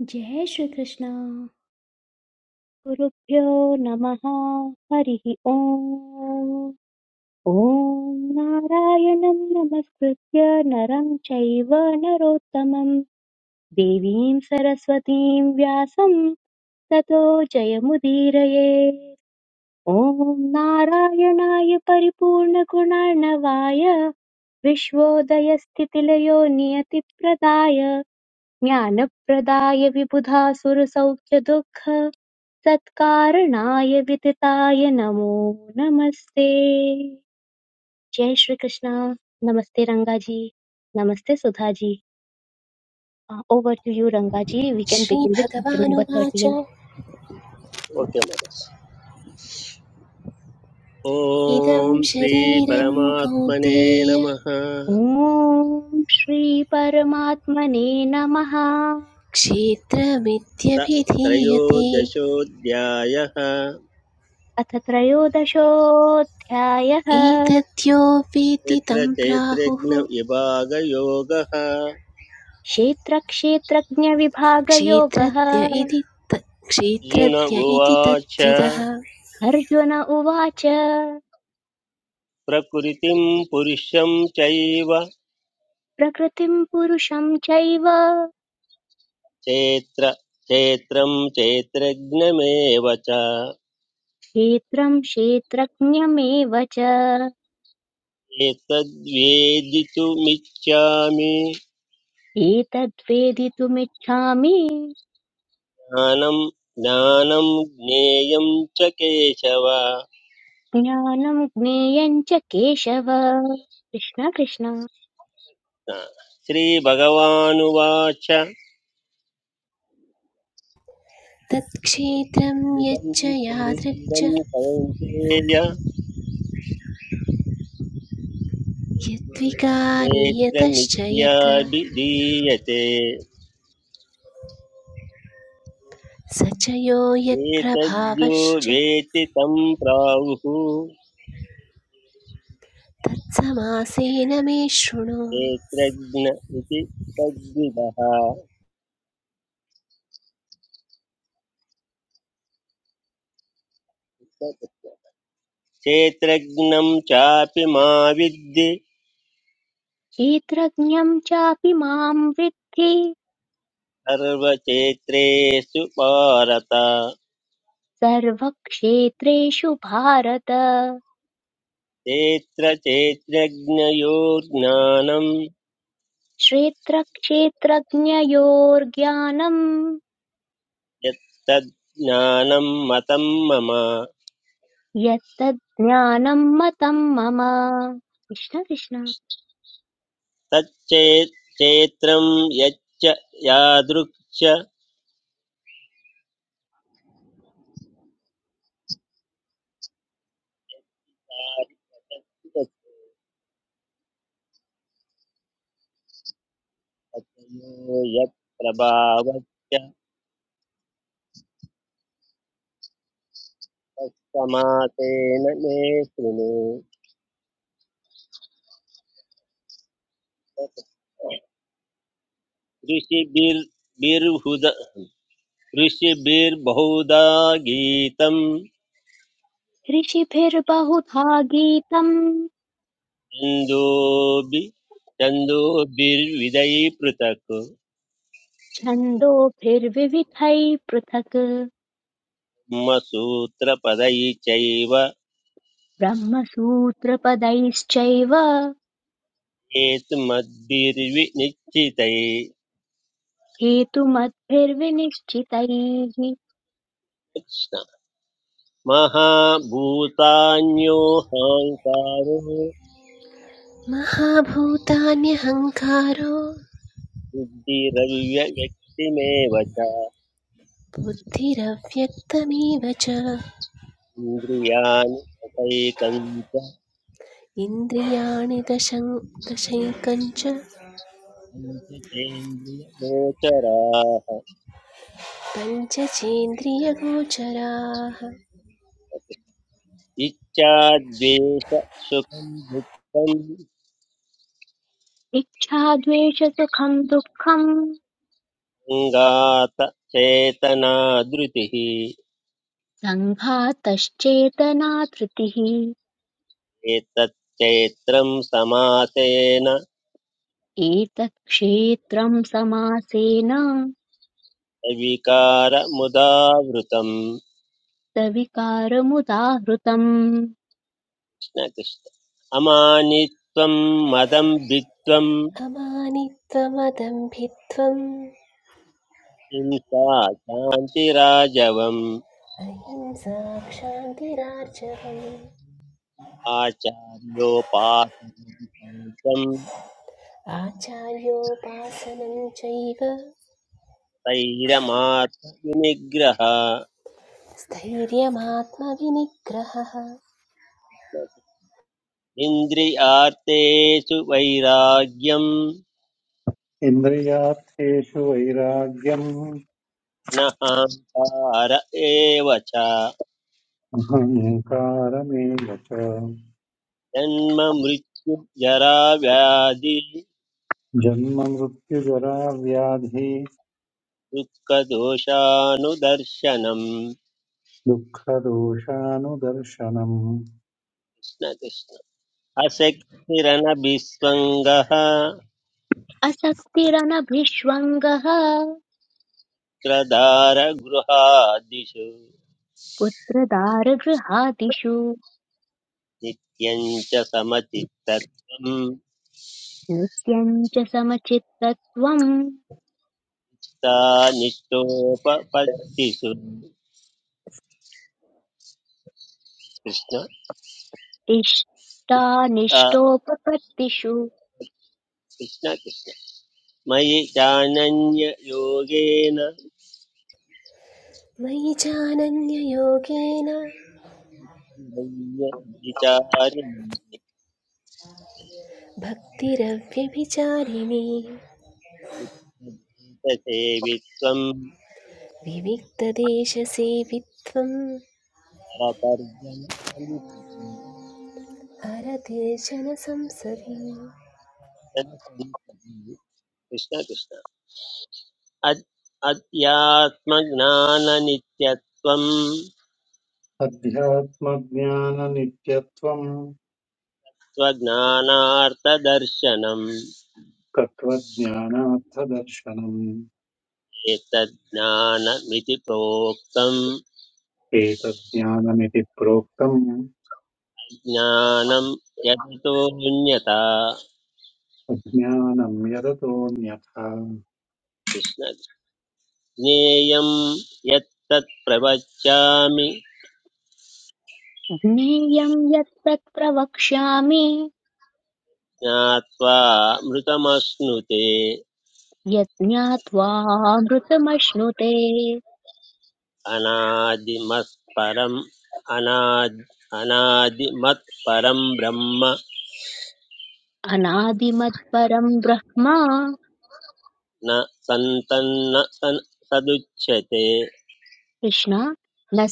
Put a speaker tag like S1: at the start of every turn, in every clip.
S1: जय श्रीकृष्ण गुरुभ्यो नमः हरिः ओम् ॐ नारायणं नमस्कृत्य नरं चैव नरोत्तमं देवीं सरस्वतीं व्यासं ततो जयमुदीरये ॐ नारायणाय परिपूर्णगुणार्णवाय विश्वोदयस्थितिलयो नियतिप्रदाय ज्ञानप्रदाय विबुधासुरसौख्यदुःख सत्कारणाय वितताय नमो नमस्ते जय श्री कृष्णा नमस्ते रंगाजी नमस्ते सुधाजी over two you रंगाजी V can begin with chapter number
S2: श्रीभगवानुवाच
S1: 13
S3: ओके महोदय
S2: इदं
S3: ॐ
S2: शरीरं
S3: श्रीपरमात्मने
S2: कौन्तेय
S3: नमः अथ
S1: ॐ श्री परमात्मने नमः
S2: क्षेत्रमित्यभिधीयते
S3: त्रयोदशोऽध्यायः
S1: अथ त्रयोदशोऽध्यायः
S2: एतद्यो वेत्ति तं
S3: यत्र
S2: प्राहुः
S3: चैत्रज्ञविभागयोगः अर्जुन
S1: क्षेत्रक्षेत्रज्ञविभागयोगः
S2: क्षेत्रज्ञ इति त- क्षेत्रज्ञ इति
S3: उवाच
S2: तद्विदः
S1: अर्जुन उवाच
S3: प्रकृतिं पुरुषं चैव
S1: प्रकृतिम् पुरुषं चैव
S3: चैत्र चैत्रं चैत्रज्ञमेव च
S1: क्षेत्रं क्षेत्रज्ञमेव च
S3: एतद्वेदितुमिच्छामि
S1: एतद्वेदितुमिच्छामि
S3: ज्ञानं ज्ञानं ज्ञेयं च केशव
S1: ज्ञानं ज्ञेयं च केशव कृष्ण कृष्ण
S3: हा, श्रीभगवानुवाच
S2: तत्क्षेत्रं यच्च
S3: इदं
S2: यादृक् च
S3: शरीरं कौन्तेय
S2: यद्विकारी यतश्च यत्
S3: क्षेत्रमित्याभिधीयते
S2: स च यो
S3: एतद्यो
S2: यत्प्रभावश्च
S3: वेति तं प्राहुः
S2: तत्समासेन मे शृणु
S3: क्षेत्रज्ञ इति तद्विदः क्षेत्रज्ञं चापि मा विद्धि
S1: क्षेत्रज्ञं चापि मां वृद्धि
S3: सर्वक्षेत्रेषु भारत
S1: सर्वक्षेत्रेषु भारत
S3: क्षेत्रक्षेत्रज्ञयोर्ज्ञानं
S1: क्षेत्रक्षेत्रज्ञयोर्ज्ञानम्
S3: यत्तद् ज्ञानं मतं मम
S1: यत्तज्ज्ञानम् मतम् मम कृष्ण कृष्ण
S3: तच्चेत् क्षेत्रं यच्च यादृक्ष यत्प्रभावस्य तत्समासेन मे शृणु ऋषिभिर्बिर्हुद ऋषिभिर्बहुधा गीतं
S1: ऋषिभिर्बहुधा गीतम्
S3: छन्दोभि छन्दोभिर्विधैः पृथक्
S1: छन्दोभिर्विविधैः पृथक्
S3: ब्रह्मसूत्रपदैः चैव
S1: ब्रह्मसूत्रपदैश्चैव
S3: हेतुमद्भिर्विनिश्चितै
S1: हेतुमद्भिर्विनिश्चितैः
S3: कृष्ण महाभूतान्योऽहङ्कारो
S2: महाभूतान्यहंकारो
S3: बुद्धिरव्यव्यक्तिमेव च
S2: बुद्धिरव्यक्तमेव च
S3: इन्द्रियाणि मतैकञ्च
S2: इन्द्रियाणि दशं दशैकञ्च
S3: पञ्चचेन्द्रियगोचराः
S2: पञ्चचेन्द्रियगोचराः
S3: इच्छाद्वेष सुखं दुःखं
S1: इच्छाद्वेषसुखम् दुःखम्
S3: सङ्गात चेतना धृतिः
S1: सङ्घातश्चेतना धृतिः
S3: एतच्चैत्रं समासेन
S1: एतत् क्षेत्रम् समासेन
S3: विकारमुदावृतम्
S1: सविकारमुदाहृतम्
S3: कृष्ण कृष्ण अमानित्वं मदं भित्त्वं
S2: अमानित्वमदम्भित्वम्
S3: हिंसा शान्तिराजवम्
S2: अहिंसा क्षान्तिरार्जवम्
S3: आचार्योपासनं
S2: आचार्योपासनं चैव
S3: तैरमात्मनिग्रह
S2: स्थैर्यमात्मविनिग्रहः
S3: इन्द्रियार्थेषु वैराग्यं
S4: इन्द्रियार्थेषु वैराग्यम्
S3: नहङ्कार एव च
S4: अहङ्कारमेव च
S3: जन्म मृत्यु जरा व्याधि
S4: जन्ममृत्युजरा व्याधि
S3: दुःखदोषानुदर्शनम्
S4: दुःखदोषानुदर्शनम्
S3: कृष्ण कृष्ण अशक्तिरनभिस्वङ्गः
S1: असक्तिरनभिष्वङ्गः
S3: क्रदारगृहादिषु
S1: पुत्रदारगृहादिषु
S3: नित्यं च समचित्तत्वं
S1: नित्यं च समचित्तत्वम्
S3: सा निष्ठोपपत्तिषु कृष्ण आ,
S1: इष्टानिष्टोपपत्तिषु
S3: कृष्ण कृष्ण मयि चानन्य योगेन
S2: मयि चानन्ययोगेन
S3: मय्य विचारिणि
S2: भक्तिरव्यभिचारिणी
S3: सेवित्वं
S2: विविक्तदेशसेवित्वम्
S3: परतर्जन संसदि
S2: अरतिर्जनसंसदि
S3: जन संसदि कृष्ण कृष्ण अद्- अध्यात्मज्ञाननित्यत्वं
S4: अध्यात्मज्ञाननित्यत्वम्
S3: स्वज्ञानार्थदर्शनम्
S4: तत्त्वज्ञानार्थदर्शनम्
S3: एतज्ज्ञानमिति प्रोक्तं
S4: एतज्ज्ञानमिति प्रोक्तम्
S3: ज्ञानं यतोऽन्यथा
S4: अज्ञानम् यदतोऽन्यथा
S3: कृष्ण ज्ञेयं यत्तत् प्रवच्यामि
S1: ज्ञेयं यत् तत् प्रवक्ष्यामि
S3: ज्ञात्वा मृतमश्नुते
S1: यत् ज्ञात्वामृतमश्नुते
S3: अनादिमत्परम् अनाद् अनादिमत्परं ब्रह्म
S1: अनादिमत्परं ब्रह्म
S3: न सन्तन्न सन् सदुच्यते
S1: कृष्ण न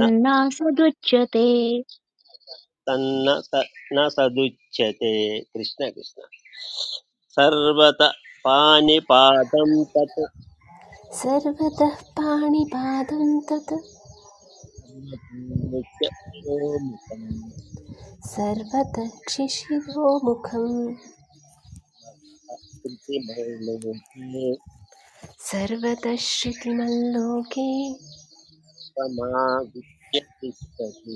S3: न तन्न स न सदुच्यते कृष्ण कृष्ण सर्वत पानिपातं तत्
S2: सर्वतः पाणिपादं तत्
S3: सर्वतोमुखं
S2: सर्वतः क्षिशिरोमुखम्
S3: कृतिमलोके
S2: सर्वतः श्रुतिमल्लोके
S3: समावित्य तिष्ठति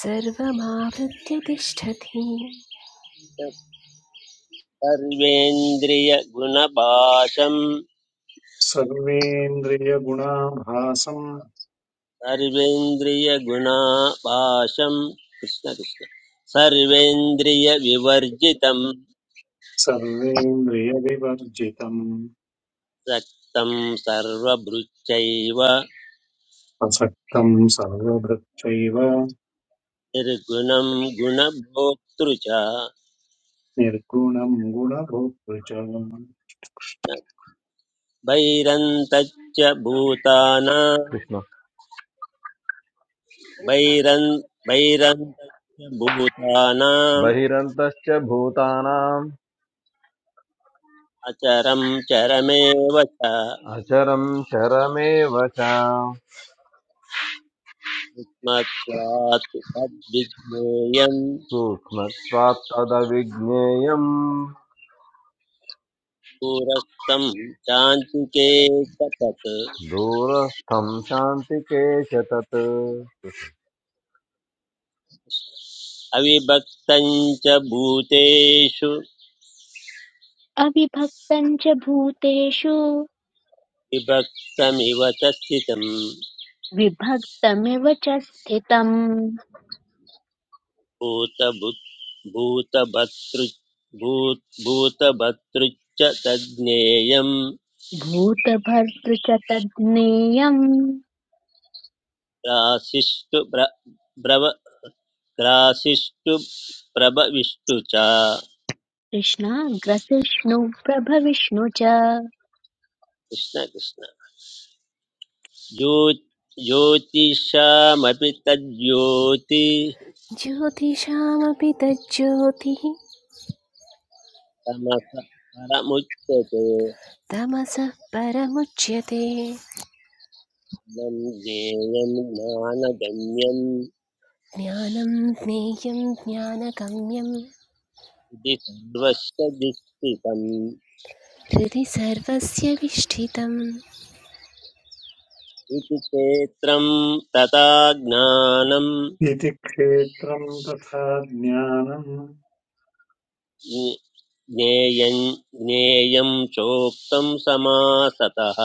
S2: सर्वमावृत्य तिष्ठति
S3: तत्
S4: सर्वेन्द्रियगुणाभासम्
S3: कृष्ण कृष्ण सर्वेन्द्रियविवर्जितं
S4: सर्वेन्द्रियविवर्जितम्
S3: रक्तं सर्वभृच्चैव
S4: असक्तं सर्वभृक्षैव
S3: निर्गुणं गुणभोक्तृ च
S4: निर्गुणं गुणभोक्तृ च
S3: भैरन्तच्च भूतानां
S5: कृष्ण
S3: भैरन् भैरन्तच्च भूतानाम्
S5: बहिरन्तश्च भूतानाम्
S3: अचरं चरमेव च
S5: अचरं चरमेव च
S3: युष्मत्वात् तद्विज्ञेयं
S5: सूक्ष्मत्वात् तदविज्ञेयम्
S3: पुरस्तं चान्तिके तत्
S5: दूरस्थं शान्तिके च तत्
S3: अविभक्तं च भूतेषु
S1: अविभक्तं च भूतेषु
S3: विभक्तमिव च स्थितम्
S1: विभक्तमिव च स्थितम्
S3: भूतभुत् भूतभर्तृ भूत भूतभर्तृच्च तज्ज्ञेयं
S1: भूतभर्तृ च तज्ज्ञेयम्
S3: ग्रासिष्टु ब्र ब्रव ग्रासिष्टु प्रभविष्टु च
S1: कृष्णाग्रसिष्णुप्रभविष्णु च
S3: कृष्ण कृष्ण ज्यो ज्योतिषामपि तज्ज्योति
S2: ज्योतिषामपि तज्ज्योतिः
S3: तमस परमुच्यते
S2: तमसः परमुच्यते
S3: इदं ज्ञेयं ज्ञानगम्यं
S2: ज्ञानं ज्ञेयं ज्ञानगम्यं
S3: इति सर्वस्य दुष्टितम्
S2: हृदि सर्वस्य विष्ठितम्
S3: इति क्षेत्रं तथा ज्ञानं
S4: इति क्षेत्रं तथा ज्ञानं
S3: ज्ञे- ज्ञेयं ज्ञेयं चोक्तं समासतः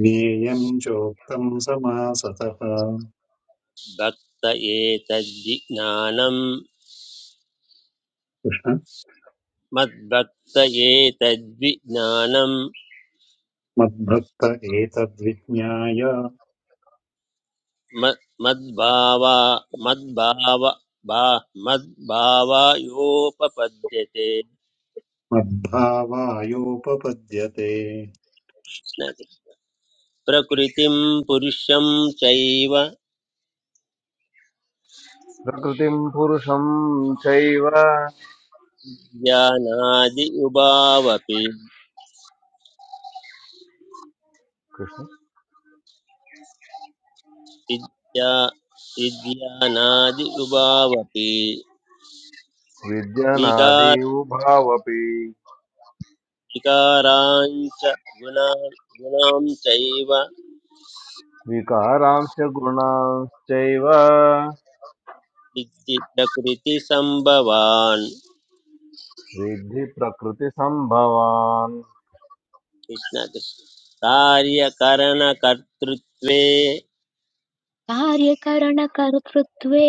S4: ज्ञेयं चोक्तं समासतः
S3: भक्त एतज्ज्ञानं मद्भक्त एतज्ज्ञानं
S4: मद्भक्त एतद्विज्ञाय
S3: म- मद्भावा मद्भाव भा मद्भावायोपपद्यते
S4: मद्भावायोपपद्यते
S3: प्रकृतिं पुरुषं चैव
S5: प्रकृतिं पुरुषं चैव
S3: ज्ञानादि उभावपि
S5: कृष्ण
S3: विद्या विद्यानादि उभावपि
S5: विद्यनादि
S3: विकार
S5: उभावपि
S3: विकाराञ्च गुणान् गुणां चैव
S5: विकारांश्च गुणांश्चैव
S3: विद्धि प्रकृतिसम्भवान्
S5: विद्धि प्रकृतिसम्भवान्
S3: कृष्णकृष्ण कार्यकरणकर्तृत्वे
S1: कार्यकरणकर्तृत्वे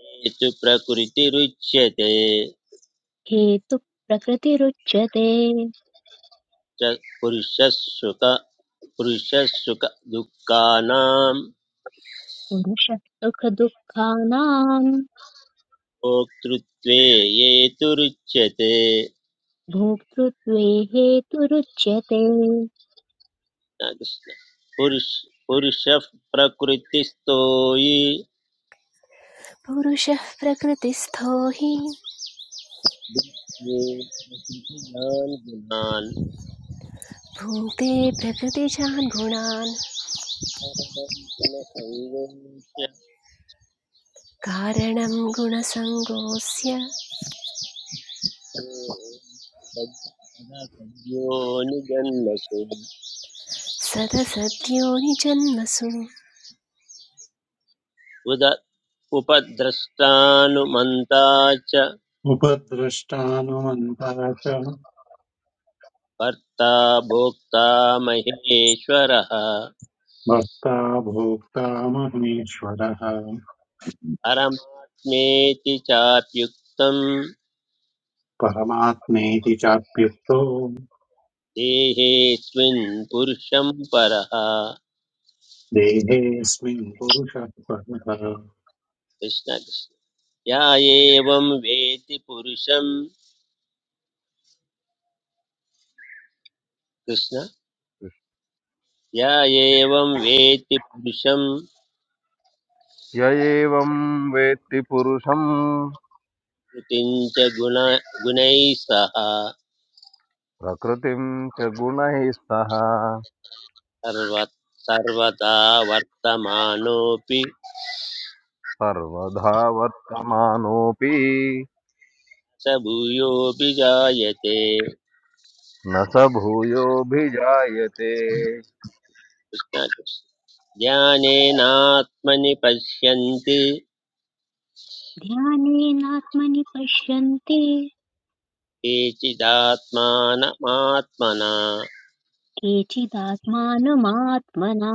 S3: हेतु प्रकृतिरुच्यते
S1: हेतुः प्रकृतिरुच्यते
S3: च पुरुषसुख पुरुषसुख दुःखानां
S1: पुरुषः सुखदुःखानाम्
S3: भोक्तृत्वे हेतुरुच्यते
S1: भोक्तृत्वे हेतुरुच्यते
S3: कृष्ण कृष्ण पुरुष पुरुष प्रकृतिस्तो ये ये
S2: पुरुषः प्रकृतिस्थो हि
S3: गुणान्
S2: भुङ्क्ते प्रकृतिजान् गुणान्
S3: एवञ्च
S2: कारणं गुणसङ्गोऽस्य
S3: सदा सद्यो निजन्मसु
S2: सदसद्योनिजन्मसु
S3: उद उपद्रष्टानुमन्ता च
S4: उपद्रष्टानुमन्ता च
S3: कर्ता भोक्ता महेश्वरः
S4: भर्ता भोक्ता महेश्वरः
S3: परमात्मेति चाप्युक्तं
S4: परमात्मेति चाप्युक्तो
S3: देहेऽस्मिन् पुरुषं परः
S4: देहेऽस्मिन् पुरुषः परः
S3: कृष्ण कृष्ण या एवं वेति पुरुषं कृष्ण या एवं वेत्ति पुरुषं
S5: य एवं वेत्ति पुरुषम्
S3: कृतिं च गुण गुणैः सह
S5: प्रकृतिं च गुणैः सह
S3: सर्व सर्वदा वर्तमानोऽपि
S5: सर्वधा वर्तमानोऽपि
S3: स भूयोऽपि जायते
S5: न स भूयोऽभिजायते
S3: कृष्ण कृष्ण। ज्ञानेनात्मनि पश्यन्ति
S1: ध्यानेनात्मनि पश्यन्ति
S3: केचिदात्मानमात्मना
S1: केचिदात्मानमात्मना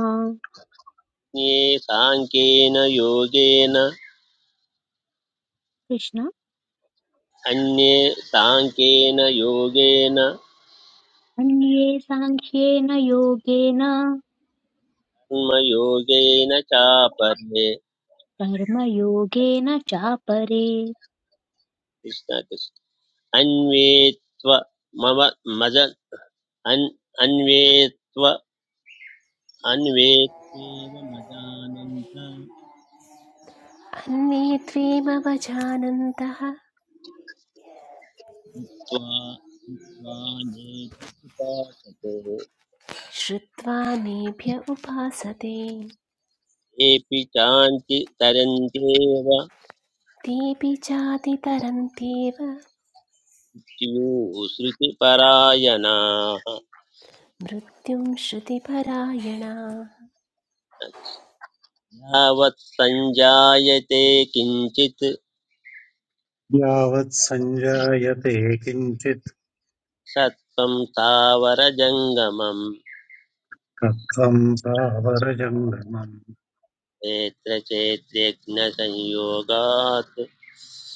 S3: अन्ये साङ्ख्येन योगेन
S1: कृष्ण
S3: अन्ये साङ्ख्येन योगेन
S1: अन्ये साङ्ख्येन योगेन
S3: कर्मयोगेन चापरे
S1: कर्मयोगेन चापरे
S3: कृष्ण कृष्ण अन्वेत्व मम मज अन् अन्वेत्व अन्वेत्वेव मजानन्त
S2: अन्ये त्वेमवजानन्तः
S3: त्वा त्वा नेभ्य उपासते
S2: श्रुत्वा मेभ्य उपासते
S3: येऽपि चान्ति तरन्त्येव
S2: तेऽपि चातितरन्त्येव
S3: स्युः श्रुतिपरायणाः
S2: मृत्युं श्रुतिपरायणा
S3: यावत् सञ्जायते किञ्चित्
S4: यावत् सञ्जायते किञ्चित्
S3: सत्त्वं स्थावरजङ्गमम्
S4: कत्वं प्रावरजङ्गमम्
S3: नेत्रचेत्रेऽग्नसंयोगात्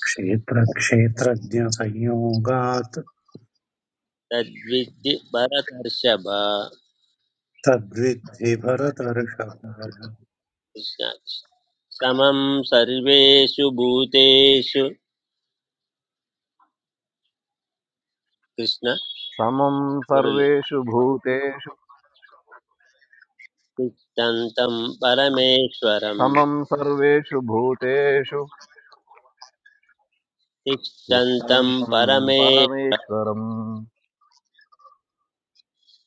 S4: क्षेत्रक्षेत्रज्ञसंयोगात्
S3: तद्विद्धि भरतर्षभ
S4: तद्विद्धि भरतर्षभ
S3: कृष्ण समं सर्वेषु भूतेषु कृष्ण
S5: समं
S3: मुरळि
S5: सर्वेषु भूतेषु
S3: तिष्ठन्तं परमेश्वरं
S5: समं सर्वेषु भूतेषु
S3: तिष्ठन्तं
S5: तिष्ठन्तं
S3: परमेश्वर
S5: परमेश्वरम्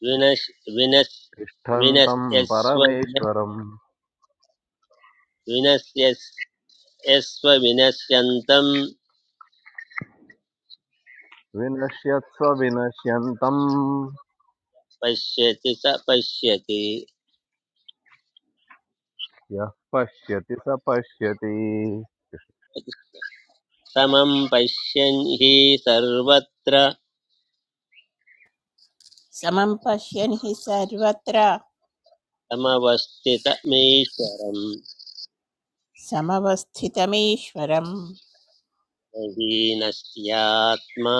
S3: विनश् विनश्
S5: तिष्ठन्तं
S3: विनश्यस्व
S5: परमेश्वरम्
S3: विनश्यस्व विनश्यन्तं
S5: विनश्यत्स्व विनश्यन्तम्
S3: पश्यति स पश्यति
S5: यः पश्यति स पश्यति
S3: समं पश्यन् हि सर्वत्र
S6: समं पश्यन् हि सर्वत्र
S3: समवस्थितमीश्वरम्
S6: समवस्थितमीश्वरं
S3: न हीनस्यात्मा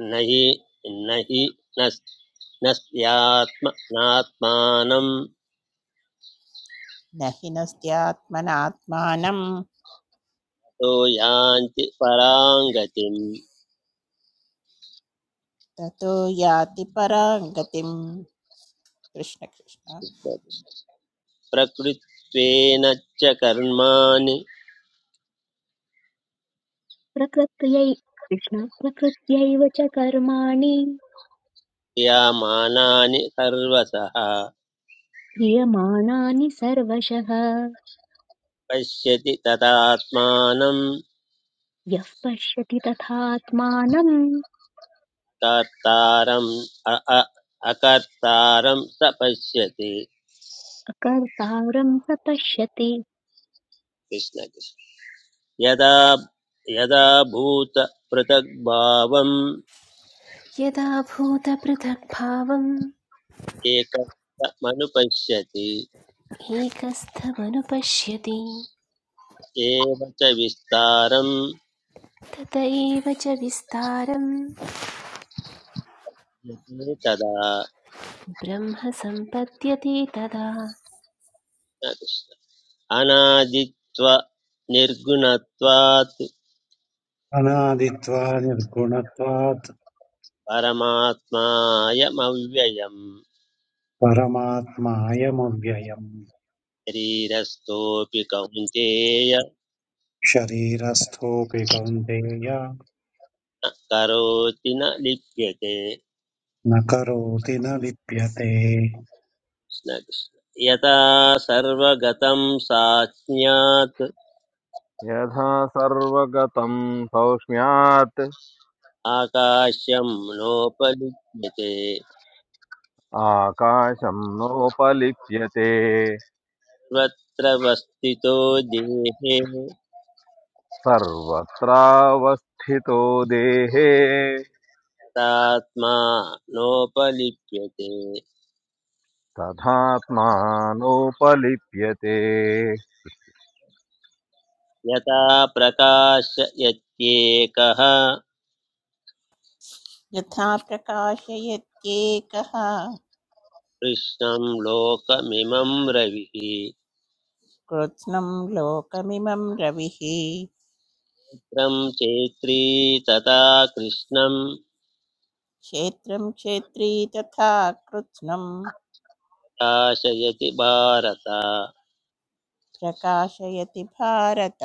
S3: न हि न हि न स्यात्म नात्मानं
S6: न हि नस्त्यात्मनात्मानं
S3: तो यान्ति पराङ्गतिम्
S6: ततो याति परां गतिं कृष्णकृष्ण
S3: प्रकृत्वेन च कर्माणि
S1: प्रकृत्यै कृष्ण प्रकृत्यैव च कर्माणि
S3: क्रियमाणानि सर्वसः
S1: क्रियमाणानि सर्वशः
S3: पश्यति तदात्मानं
S1: यः पश्यति तथात्मानम्
S3: कर्तारम् अ-
S1: अकर्तारं स पश्यति
S3: यदा यदा भूतपृथग्भावम्
S2: यदा भूतपृथग्भावम्
S3: एकमनुपश्यति
S2: एकस्थमनुपश्यति
S3: एव च विस्तारं
S2: तत एव च विस्तारम्
S3: यते तदा
S2: ब्रह्म सम्पद्यते तदा
S3: अनादित्व निर्गुणत्वात्
S4: अनादित्वा निर्गुणत्वात्
S3: परमात्मायमव्ययम्
S4: परमात्मायमव्ययम्
S3: शरीरस्थोऽपि कौन्तेय न
S4: शरीरस्थोऽपि कौन्तेय
S3: करोति न लिप्यते
S4: न करोति न लिप्यते
S3: कृष्ण कृष्ण। यथा सर्वगतं साज्ञात्
S5: यथा सर्वगतं सौक्ष्म्यात्
S3: आकाश्यं नोपलिप्यते
S5: आकाशं नोपलिप्यते
S3: सर्वत्र वस्थितो देहे
S5: सर्वत्रावस्थितो देहे
S3: तात्मा नोपलिप्यते
S5: तथात्मानोपलिप्यते
S3: यथा प्रकाशयत्येकः
S6: यथा प्रकाशयत्येकः
S3: कृष्णं लोकमिमं रविः
S6: कृत्स्नं लोकमिमं रविः
S3: चित्रं चैत्री तथा कृष्णं
S6: क्षेत्रं क्षेत्री तथा कृत्स्नं
S3: प्रकाशयति भारत कृष्ण
S6: प्रकाशयति भारत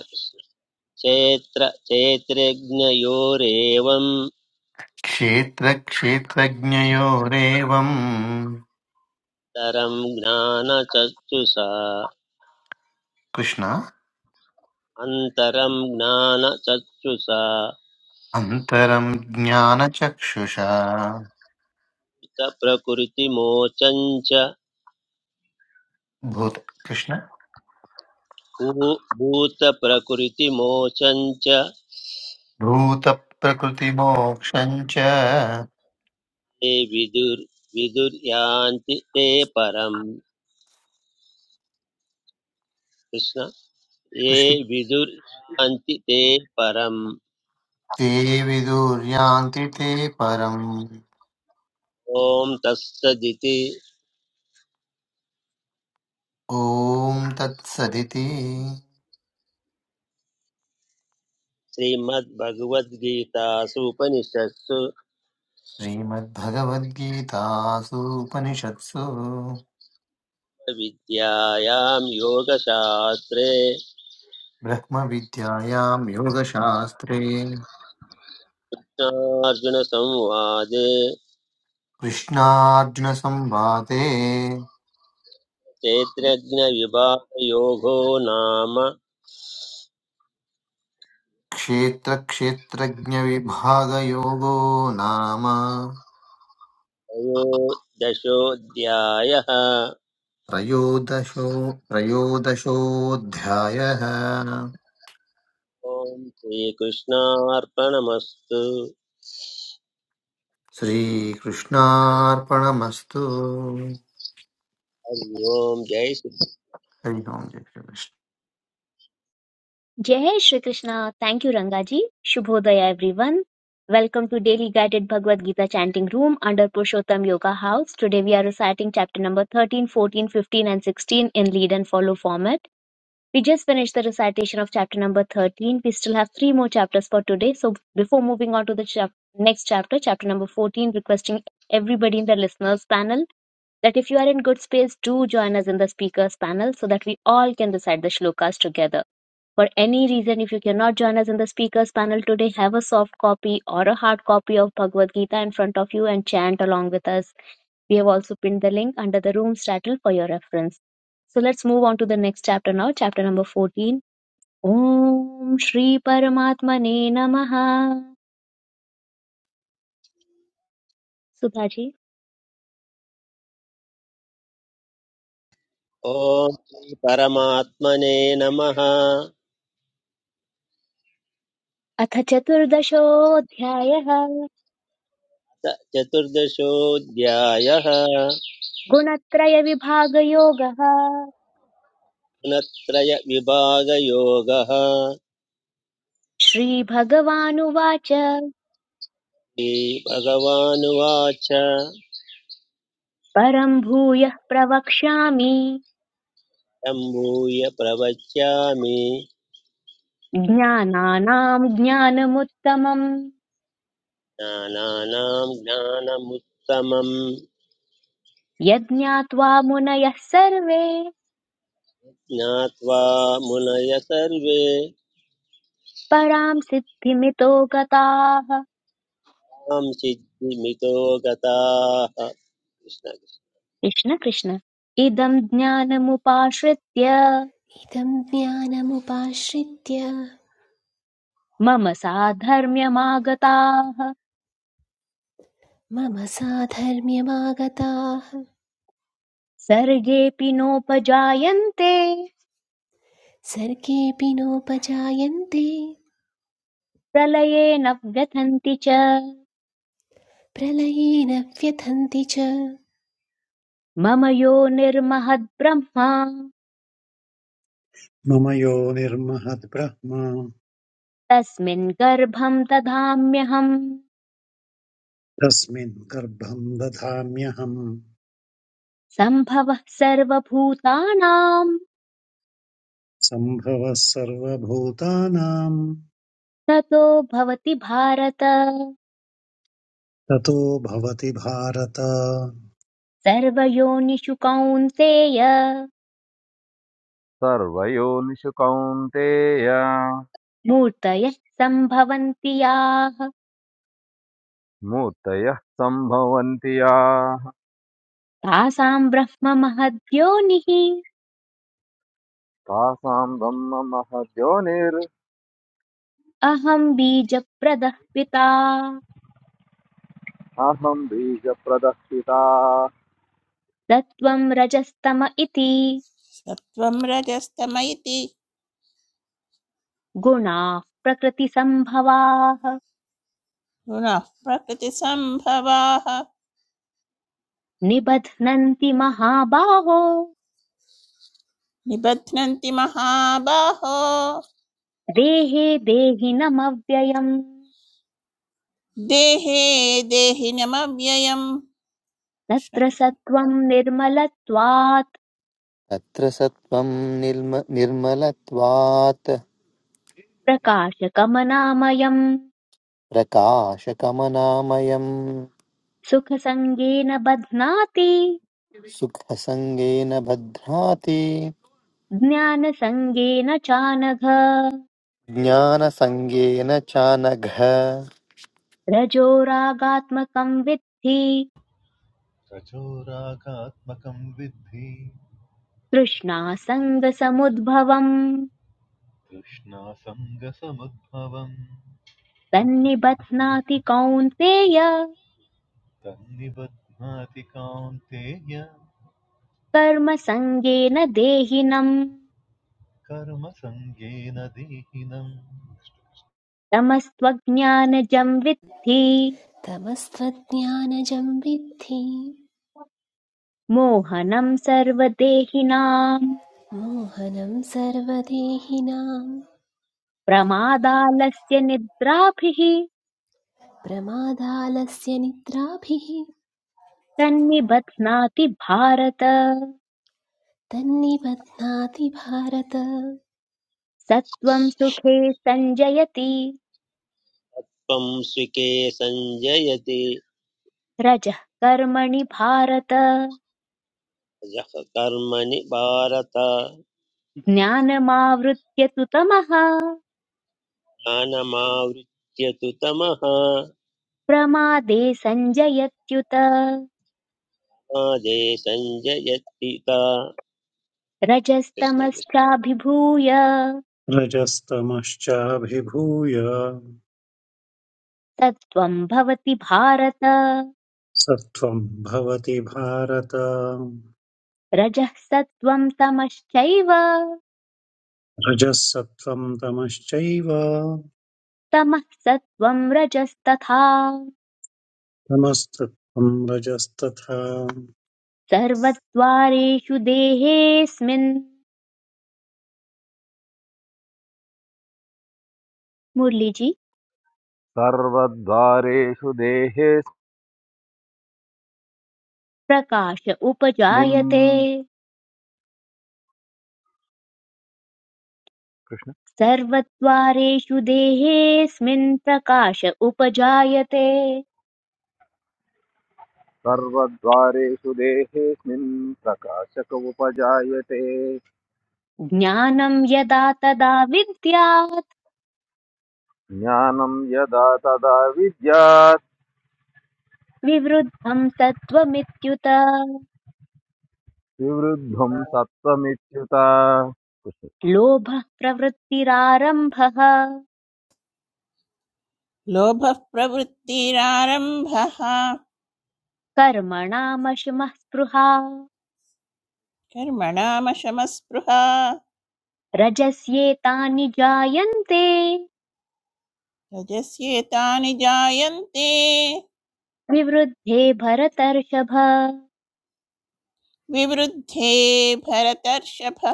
S3: कृष्ण क्षेत्र क्षेत्रज्ञयोरेवं
S7: क्षेत्रक्षेत्रज्ञयोरेवम्
S3: तरं ज्ञानचक्षुषा
S7: कृष्ण
S3: अन्तरं ज्ञानचक्षुषा
S7: अन्तरम् ज्ञानचक्षुषा
S3: भूतप्रकृतिमोचं च
S7: भूत कृष्ण
S3: भू- भूतप्रकृतिमोचं च
S7: भूतप्रकृतिमोक्षम् च
S3: ये विदुर् विदुर्यान्ति ते परम् कृष्ण ये
S7: कृष्ण
S3: विदुर्यान्ति ते परम्
S7: ते विदुर्यान्ति ते परम्
S3: ॐ तत्सदिति
S7: ॐ तत्सदिति
S3: श्रीमद्भगवद्गीतासु उपनिषत्सु
S7: श्रीमद्भगवद्गीतासूपनिषत्सु
S3: विद्यायां योगशास्त्रे
S7: ब्रह्मविद्यायां योगशास्त्रे कृष्णार्जुनसंवादे
S3: क्षेत्रज्ञविभागयोगो नाम
S7: क्षेत्रक्षेत्रज्ञविभागयोगो नाम
S3: त्रयोदशोऽध्यायः
S7: त्रयोदशो त्रयोदशोऽध्यायः
S3: ॐ श्रीकृष्णार्पणमस्तु
S7: श्रीकृष्णार्पणमस्तु हरिः
S3: हरि ओम् जय श्री
S7: ओम् जय श्रीकृष्ण
S1: जय Shri Krishna thank you रंगाजी शुभोदय everyone Welcome to Daily Guided Bhagavad Gita Chanting Room under Purushottam Yoga House. Today we are reciting chapter number 13, 14, 15 and 16 in lead and follow format. We just finished the recitation of chapter number 13. We still have three more chapters for today. So before moving on to the chap- next chapter, chapter number 14, requesting everybody in the listeners panel that if you are in good space, do join us in the speakers panel so that we all can recite the shlokas together. For any reason, if you cannot join us in the speakers panel today, have a soft copy or a hard copy of Bhagavad Gita in front of you and chant along with us. We have also pinned the link under the room's title for your reference. So let's move on to the next chapter now, chapter number 14. Om Shri Paramatmane Namaha. Sudhaji.
S3: ॐ श्रीपरमात्मने नमः अथ
S1: अथ चतुर्दशोऽध्यायः
S3: चतुर्दशोऽध्यायः
S1: गुणत्रयविभागयोगः
S3: गुणत्रयविभागयोगः
S1: श्रीभगवानुवाच
S3: श्रीभगवानुवाच
S1: परम् भूयः प्रवक्ष्यामि
S3: सम्भूय प्रवच्यामि
S1: ज्ञानानाम् ज्ञानमुत्तमम्
S3: ज्ञानानां ज्ञानमुत्तमम्
S1: यज्ञात्वा मुनयः सर्वे
S3: ज्ञात्वा मुनय सर्वे
S1: पराम् सिद्धिमितो गताः
S3: तां सिद्धिमितो गताः कृष्ण
S1: कृष्ण कृष्ण इदं ज्ञानमुपाश्रित्य
S2: इदं ज्ञानमुपाश्रित्य
S1: मम साधर्म्यमागताः
S2: मम साधर्म्यमागताः
S1: सर्गेऽपि नोपजायन्ते
S2: सर्गेऽपि नोपजायन्ते
S1: प्रलये न व्यथन्ति च
S2: प्रलये न व्यथन्ति च
S1: मम यो निर्महद्ब्रह्मा
S4: मम यो निर्महद्ब्रह्म
S1: तस्मिन् गर्भं दधाम्यहम्
S4: तस्मिन् गर्भं दधाम्यहं
S1: सम्भवः सर्वभूतानां
S4: सम्भवः सर्वभूतानां
S1: ततो भवति भारत
S4: ततो भवति भारत
S1: सर्वयोनिषु कौन्तेय
S5: सर्वयोनिषु कौन्तेय
S1: मूर्तयः सम्भवन्ति याः
S5: मूर्तयः सम्भवन्ति याः
S1: तासाम् ब्रह्ममहद्योनिः
S5: तासां ब्रह्ममहद्योनिर्अहं
S1: अहम् बीजप्रदः पिता
S5: बीजप्रदक्षिता
S1: तत्त्वम् रजस्तम इति
S6: सत्त्वं रजस्तम इति
S1: गुणाः प्रकृतिसम्भवाः
S6: गुणः प्रकृतिसम्भवाः
S1: निबध्नन्ति महाबाहो
S6: निबध्नन्ति महाबाहो
S1: देहे देहिनमव्ययम्
S6: देहे देहिनमव्ययम् कृष्ण
S1: तत्र
S6: कृष्ण
S1: सत्त्वम् निर्मलत्वात्
S7: तत्र सत्त्वं निर्म निर्मलत्वात्
S1: प्रकाशकमनामयम्
S7: प्रकाशकमनामयम्
S1: सुखसङ्गेन बध्नाति
S7: सुखसङ्गेन भद्राति
S1: ज्ञानसङ्गेन चानघ
S7: ज्ञानसङ्गेन चानघ
S1: रजोरागात्मकं विद्धि
S8: सचोरागात्मकं विद्धि
S1: तृष्णासङ्गसमुद्भवम्
S8: तृष्णासङ्गसमुद्भवम्
S1: तन्निबध्नाति कौन्तेय
S8: तन्निबध्नाति कान्तेय
S1: कर्मसङ्गेन देहिनम्
S8: कर्मसङ्गेन दीहिनम्
S1: तमस्त्वज्ञानजं विद्धि
S2: तमस्त्वज्ञानजं विद्धि
S1: मोहनं सर्वदेहिनाम्
S2: मोहनं सर्वदेहिनां
S1: प्रमादालस्य निद्राभिः
S2: प्रमादालस्य निद्राभिः
S1: तन्निबध्नाति भारत
S2: तन्निबध्नाति भारत
S1: सत्त्वं सुखे सञ्जयति
S3: त्वं स्विके सञ्जयति
S1: रजः कर्मणि भारत
S3: यः कर्मणि भारत
S1: ज्ञानमावृत्य तु तमः
S3: ज्ञानमावृत्य तु तमः
S1: प्रमादे सञ्जयत्युत
S3: आदे सञ्जयत्पिता कृष्ण कृष्ण।
S1: रजस्तमश्चाभिभूय
S4: रजस्तमश्चाभिभूय
S1: सत्त्वं भवति भारत
S4: सत्त्वं भवति भारत
S1: रजः सत्त्वं तमश्चैव
S4: रजः सत्त्वं तमश्चैव
S1: तमः सत्त्वं रजस्तथा
S4: तमस्तत्त्वं रजस्तथा
S1: सर्वद्वारेषु देहेऽस्मिन् मुरलीजी
S5: सर्वद्वारेषु
S1: प्रकाश उपजायते
S5: देहेऽस्मिन्
S1: सर्वद्वारेषु देहेऽस्मिन् प्रकाश उपजायते
S5: सर्वद्वारेषु देहेऽस्मिन् प्रकाशक उपजायते
S1: ज्ञानं यदा तदा विद्यात्
S5: ज्ञानं यदा तदा विद्यात्
S1: विवृद्धं तत्त्वमित्युत
S5: विवृद्धं सत्त्वमित्युत
S1: लोभः प्रवृत्तिरारम्भः
S6: लोभः प्रवृत्तिरारम्भः
S1: कर्मणामशमः स्पृहा
S6: कर्मणामशमस्पृहा
S1: रजस्येतानि जायन्ते
S6: रजस्येतानि जायन्ते
S1: विवृद्धे भरतर्षभ
S6: विवृद्धे भरतर्षभ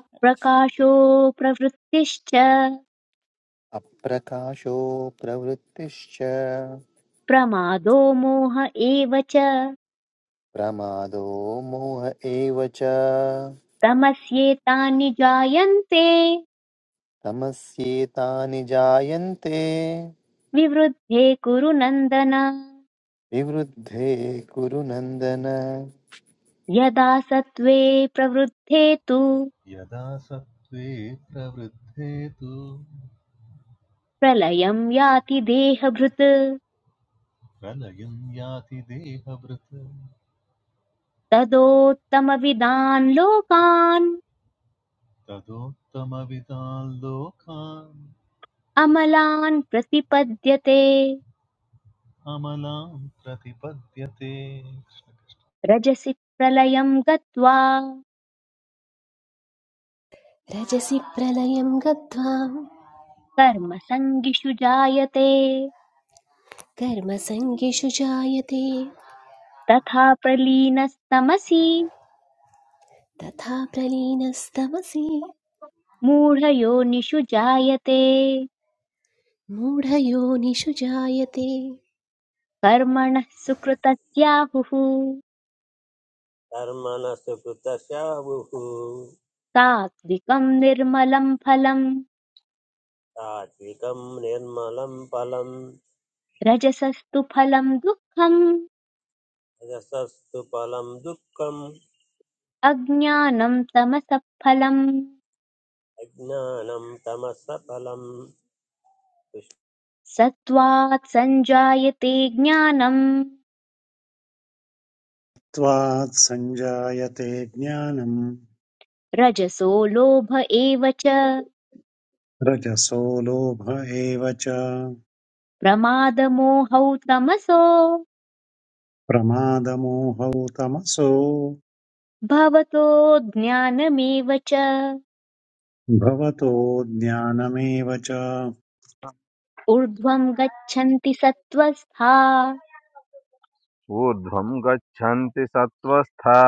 S1: अप्रकाशो प्रवृत्तिश्च
S7: अप्रकाशो प्रवृत्तिश्च
S1: प्रमादो मोह एव च
S7: प्रमादो मोह एव च
S1: तमस्येतानि जायन्ते
S7: तमस्येतानि जायन्ते
S1: विवृद्धे कुरु नन्दन
S7: विवृद्धे कुरु नन्दन
S1: यदा सत्त्वे प्रवृद्धे तु
S8: यदा सत्त्वे प्रवृद्धे तु
S1: प्रलयं याति देहभृत्
S8: प्रलयं याति देहभृत्
S1: तदोत्तमविदान् लोकान्
S8: तदोत्तमविदान् लोकान्
S1: अमलान् प्रतिपद्यते
S8: अमलान् प्रतिपद्यते
S1: रजसि प्रलयं गत्वा
S2: रजसि प्रलयं गत्वा
S1: कर्मसङ्गिषु जायते
S2: कर्मसङ्गिषु जायते
S1: तथा प्रलीनस्तमसि
S2: तथा प्रलीनस्तमसि
S1: मूढयोनिषु जायते
S2: मूढयोनिषु जायते
S1: कर्मणः सुकृतस्याहुः
S3: कर्मणः सुकृतशाहुः
S1: सात्विकं निर्मलं फलम्
S3: सात्विकं निर्मलं फलं
S1: रजसस्तु फलं दुःखम्
S3: रजसस्तु फलं दुःखम्
S1: अज्ञानम् तमसः फलम्
S3: अज्ञानं तमसफलम्
S1: सत्त्वात् सञ्जायते ज्ञानम्
S4: त्वात् सञ्जायते ज्ञानं
S1: रजसो लोभ एव च
S4: रजसो लोभ एव च
S1: प्रमादमोहौ तमसो
S4: प्रमादमोहौ तमसो
S1: भवतो ज्ञानमेव च
S4: भवतो ज्ञानमेव च
S1: ऊर्ध्वम् गच्छन्ति सत्त्वस्था
S5: ऊर्ध्वं गच्छन्ति सत्त्वस्था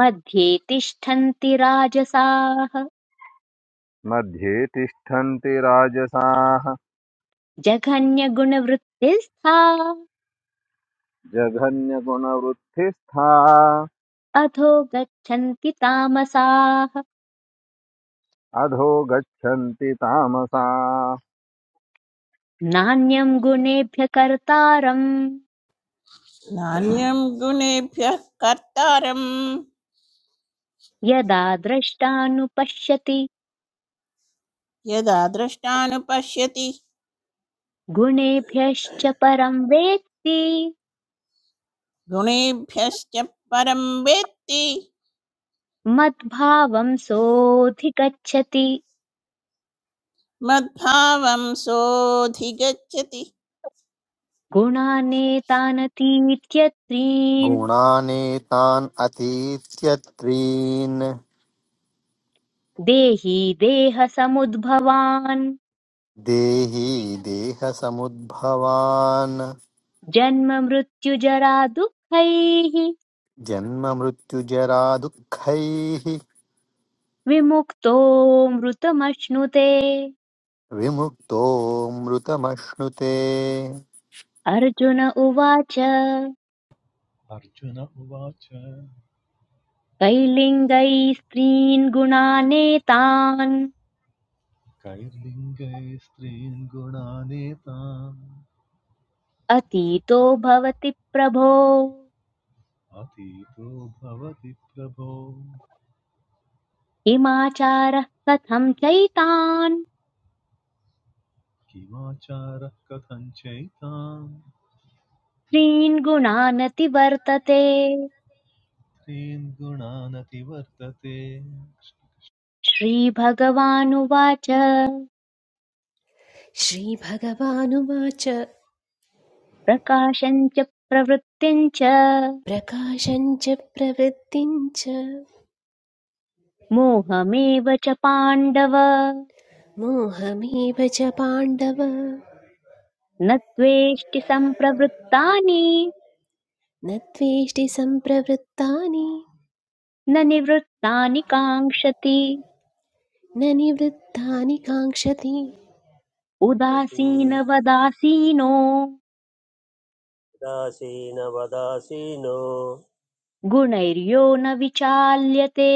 S1: मध्ये तिष्ठन्ति राजसाः
S5: मध्ये तिष्ठन्ति राजसाः
S1: जघन्यगुणवृत्तिस्था
S5: जघन्यगुणवृत्तिस्था
S1: अधो गच्छन्ति तामसाः
S5: अधो गच्छन्ति तामसा
S1: नान्यं गुणेभ्य कर्तारं
S6: नान्यं गुणेभ्यः कर्तारम्
S1: यदा द्रष्टानुपश्यति
S6: यदा द्रष्टानुपश्यति
S1: गुणेभ्यश्च परं वेत्ति
S6: गुणेभ्यश्च परं वेत्ति
S1: मद्भावं सोऽधिगच्छति
S6: मद्भावं सोऽधिगच्छति
S1: गुणानेतानतीत्यत्रीन्
S7: गुणानेतान् अतीत्यत्रीन्
S1: देही देहसमुद्भवान्
S7: देहि देहसमुद्भवान्
S1: जन्म मृत्युजरा दुःखैः
S7: जन्ममृत्युजरा दुःखैः
S1: विमुक्तो मृतमश्नुते
S7: विमुक्तो मृतमश्नुते
S1: अर्जुन उवाच
S8: अर्जुन उवाच
S1: कैर्लिङ्गैः स्त्रीन् गुणानेतान्
S8: कैर्लिङ्गैस्त्रीन् गुणानेतान्
S1: अतीतो भवति प्रभो
S8: अतीतो भवति प्रभो
S1: किमाचारः कथं चैतान्
S8: किमाचारः कथं चैतान्
S1: स्त्रीन् गुणानतिवर्तते
S8: त्रीन् गुणानतिवर्तते
S1: श्रीभगवानुवाच
S2: श्रीभगवानुवाच
S1: प्रकाशम् च प्रवृत्तिम् च
S2: प्रकाशञ्च प्रवृत्तिञ्च
S1: मोहमेव च पाण्डव
S2: मोहमेव च पाण्डव
S1: न त्वेष्टि सम्प्रवृत्तानि
S2: न त्वेष्टि सम्प्रवृत्तानि
S1: न निवृत्तानि काङ्क्षति
S2: न निवृत्तानि काङ्क्षति
S3: यदि
S1: उदासीनवदासीनो
S3: वदासीनो
S1: गुणैर्यो न विचाल्यते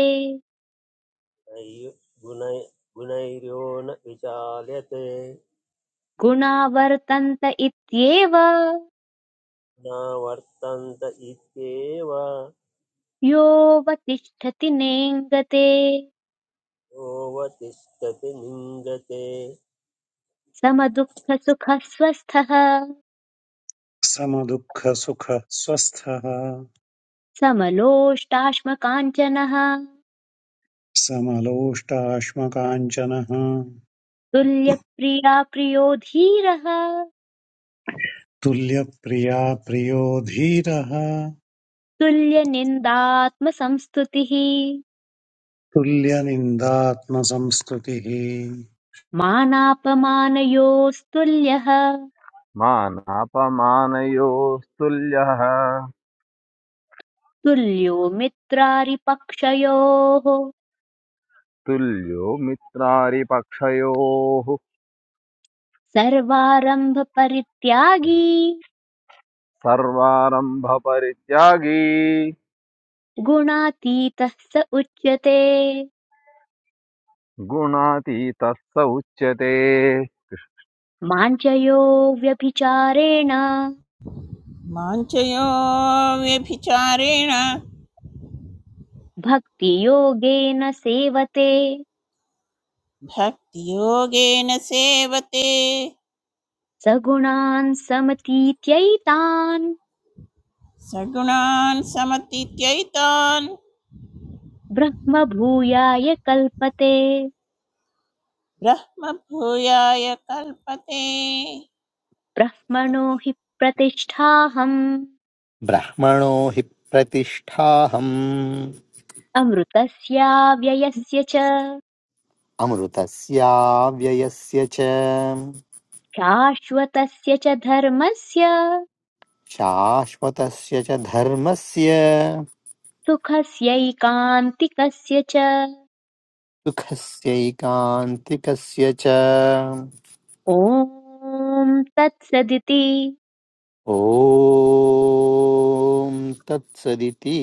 S3: नैव गुणै- गुणैर्यो न विचाल्यते
S1: गुणा वर्तन्त इत्येव
S3: न वर्तन्त इत्येव
S1: योऽवतिष्ठति नेङ्गते
S3: योऽवतिष्ठति निङ्गते
S1: समदुःखसुखस्वस्थः
S4: समदुःखसुखः स्वस्थः
S1: समलोष्टाश्मकाञ्चनः
S4: समलोष्टाश्मकाञ्चनः
S1: तुल्यप्रिया प्रियो धीरः
S4: तुल्यप्रिया प्रियो धीरः
S1: तुल्यनिन्दात्मसंस्तुतिः
S4: तुल्यनिन्दात्मसंस्तुतिः
S1: मानापमानयोस्तुल्यः
S5: मानापमानयोस्तुल्यः
S1: तुल्यो मित्रारिपक्षयोः
S5: तुल्यो मित्रारिपक्षयोः
S1: सर्वारम्भपरित्यागी
S5: सर्वारंभ सर्वारम्भपरित्यागी
S1: गुणातीतः स उच्यते
S5: गुणातीतः स उच्यते
S1: माञ्चयो व्यभिचारेण
S6: माञ्चयो व्यभिचारेण
S1: भक्तियोगेन सेवते
S6: भक्तियोगेन सेवते
S1: स गुणान् समतीत्यैतान्
S6: सगुणान् समतीत्यैतान्
S1: ब्रह्मभूयाय कल्पते
S6: ब्रह्मभूयाय कल्पते
S1: ब्रह्मणो हि प्रतिष्ठाहम्
S7: ब्रह्मणो हि प्रतिष्ठाहम्
S1: अमृतस्याव्ययस्य च
S7: अमृतस्य व्ययस्य च
S1: शाश्वतस्य च धर्मस्य
S7: शाश्वतस्य च धर्मस्य
S1: सुखस्यैकान्तिकस्य च
S7: सुखस्यैकान्तिकस्य च
S1: ॐ तत्सदिति
S7: ॐ तत्सदिति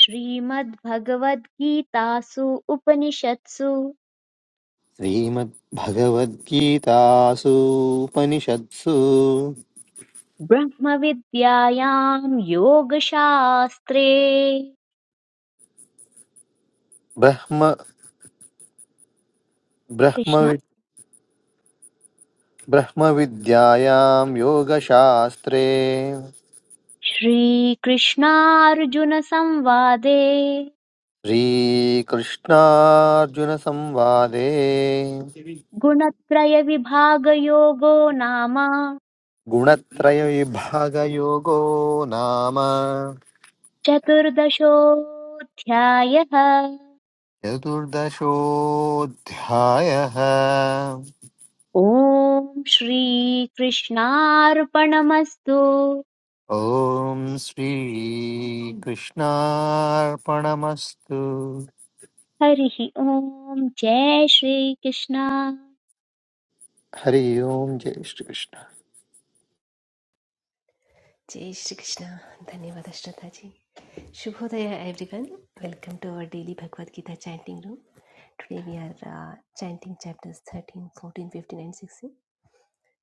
S1: श्रीमद्भगवद्गीतासु उपनिषत्सु
S7: श्रीमद्भगवद्गीतासूपनिषत्सु
S1: ब्रह्मविद्यायां योगशास्त्रे
S7: ब्रह्म
S1: कृष्ण
S7: ब्रह्मवि ब्रह्मविद्यायां योगशास्त्रे
S1: श्रीकृष्णार्जुनसंवादे
S7: श्रीकृष्णार्जुनसंवादे
S1: गुणत्रयविभागयोगो नाम
S7: गुणत्रयविभागयोगो नाम
S1: चतुर्दशोऽध्यायः
S7: चतुर्दशोऽध्यायः
S1: ॐ श्रीकृष्णार्पणमस्तु
S7: ॐ श्रीकृष्णार्पणमस्तु
S1: हरिः ॐ जय श्रीकृष्ण
S7: हरि ओम् जय श्रीकृष्ण
S2: जय श्री कृष्ण धन्यवाद Shraddha ji Shubhodaya. Everyone, welcome to our daily Bhagavad Gita chanting room. Today we are chanting chapters 13 14 15 and 16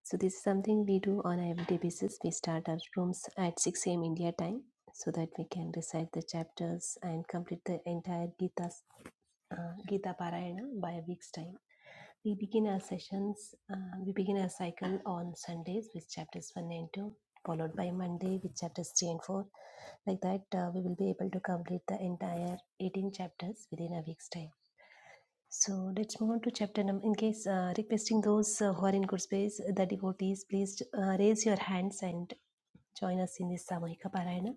S2: so this is something we do on a everyday basis we start our rooms at 6 a.m india time so that we can recite the chapters and complete the entire gita uh, gita parayana by a week's time we begin our sessions, uh, we begin our cycle on Sundays with chapters 1 and 2, followed by Monday with chapters 3 and 4. Like that, uh, we will be able to complete the entire 18 chapters within a week's time. So let's move on to chapter number. In case uh, requesting those uh, who are in good space, the devotees, please uh, raise your hands and join us in this Samahika Parayana.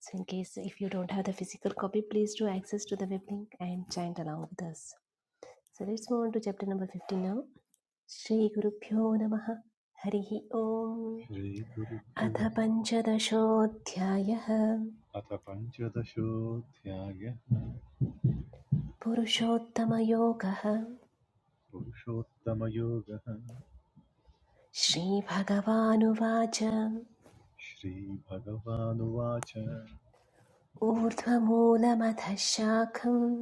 S2: So in case if you don't have the physical copy, please do access to the web link and chant along with us. So let's move on to chapter number 15 now. श्रीगुरुभ्यो नमः हरिः ओम्
S8: श्रीगुरुभ्यो
S2: अथ पञ्चदशोऽध्यायः
S8: अथ पञ्चदशोऽध्यायः
S2: पुरुषोत्तमयोगः
S8: पुरुषोत्तमयोगः
S2: श्रीभगवानुवाच
S8: श्रीभगवानुवाच
S2: ऊर्ध्वमूलमथ शाखम्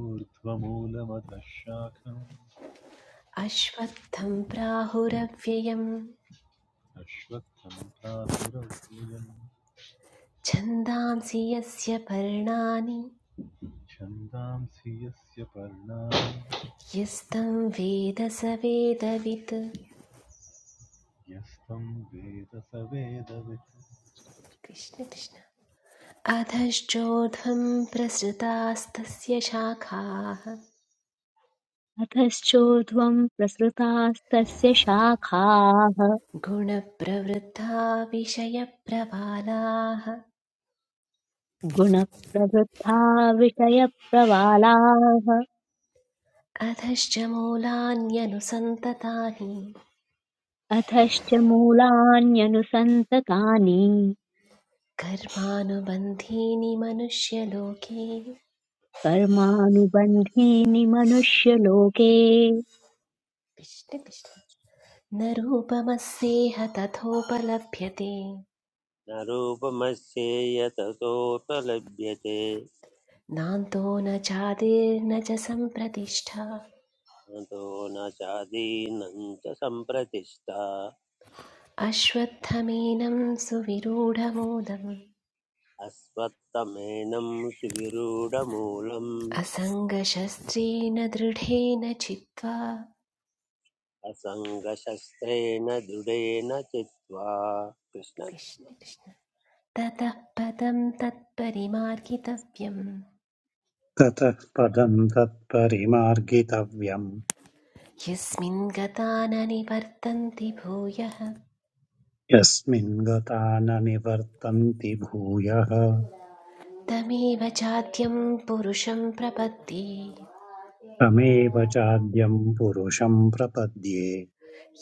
S8: ऊर्ध्वमूलमधः शाखम्
S2: अश्वत्थं प्राहुरव्ययम्
S8: अश्वत्थम् प्राहुरव्ययम्
S2: छन्दांसि यस्य पर्णानि
S8: छन्दांसि यस्य पर्णानि
S2: यस्तं वेद स वेदवित्
S8: यस्तं वेद स वेदवित्
S2: कृष्ण कृष्ण अधश्चोर्ध्वं प्रसृतास्तस्य शाखाः
S1: अधश्चोध्वम् प्रसृतास्तस्य शाखाः
S2: गुणप्रवृद्धा विषयप्रवालाः
S1: गुणप्रवृद्धा विषयप्रवालाः
S2: अधश्च मूलान्यनुसन्ततानि
S1: अधश्च मूलान्यनुसन्ततानि
S2: कर्मानुबन्धीनि मनुष्यलोके
S1: कर्मानुबन्धीनि मनुष्यलोके
S2: कृष्ण कृष्ण। न रूपमस्येह तथोपलभ्यते
S3: न रूपमस्येय ततोपलभ्यते
S2: नान्तो न चादिर्न च सम्प्रतिष्ठा
S3: अतो न चादीनं च सम्प्रतिष्ठा
S2: अश्वत्थमेनं सुविरूढमूलम्
S3: अस्मत्तमेनं सुविरूढमूलम्
S2: असङ्गशस्त्रेण दृढेन चित्वा
S3: असङ्गशस्त्रेण दृढेन चित्वा कृष्ण
S2: कृष्ण
S3: कृष्ण
S2: कृष्ण ततः पदं तत्परिमार्गितव्यं
S4: ततः पदं तत्परिमार्गितव्यम्
S2: यस्मिन् गता न निवर्तन्ति भूयः
S4: यस्मिन् गता न निवर्तन्ति भूयः
S2: तमेव चाद्यं पुरुषं प्रपद्ये
S4: तमेव चाद्यं पुरुषं प्रपद्ये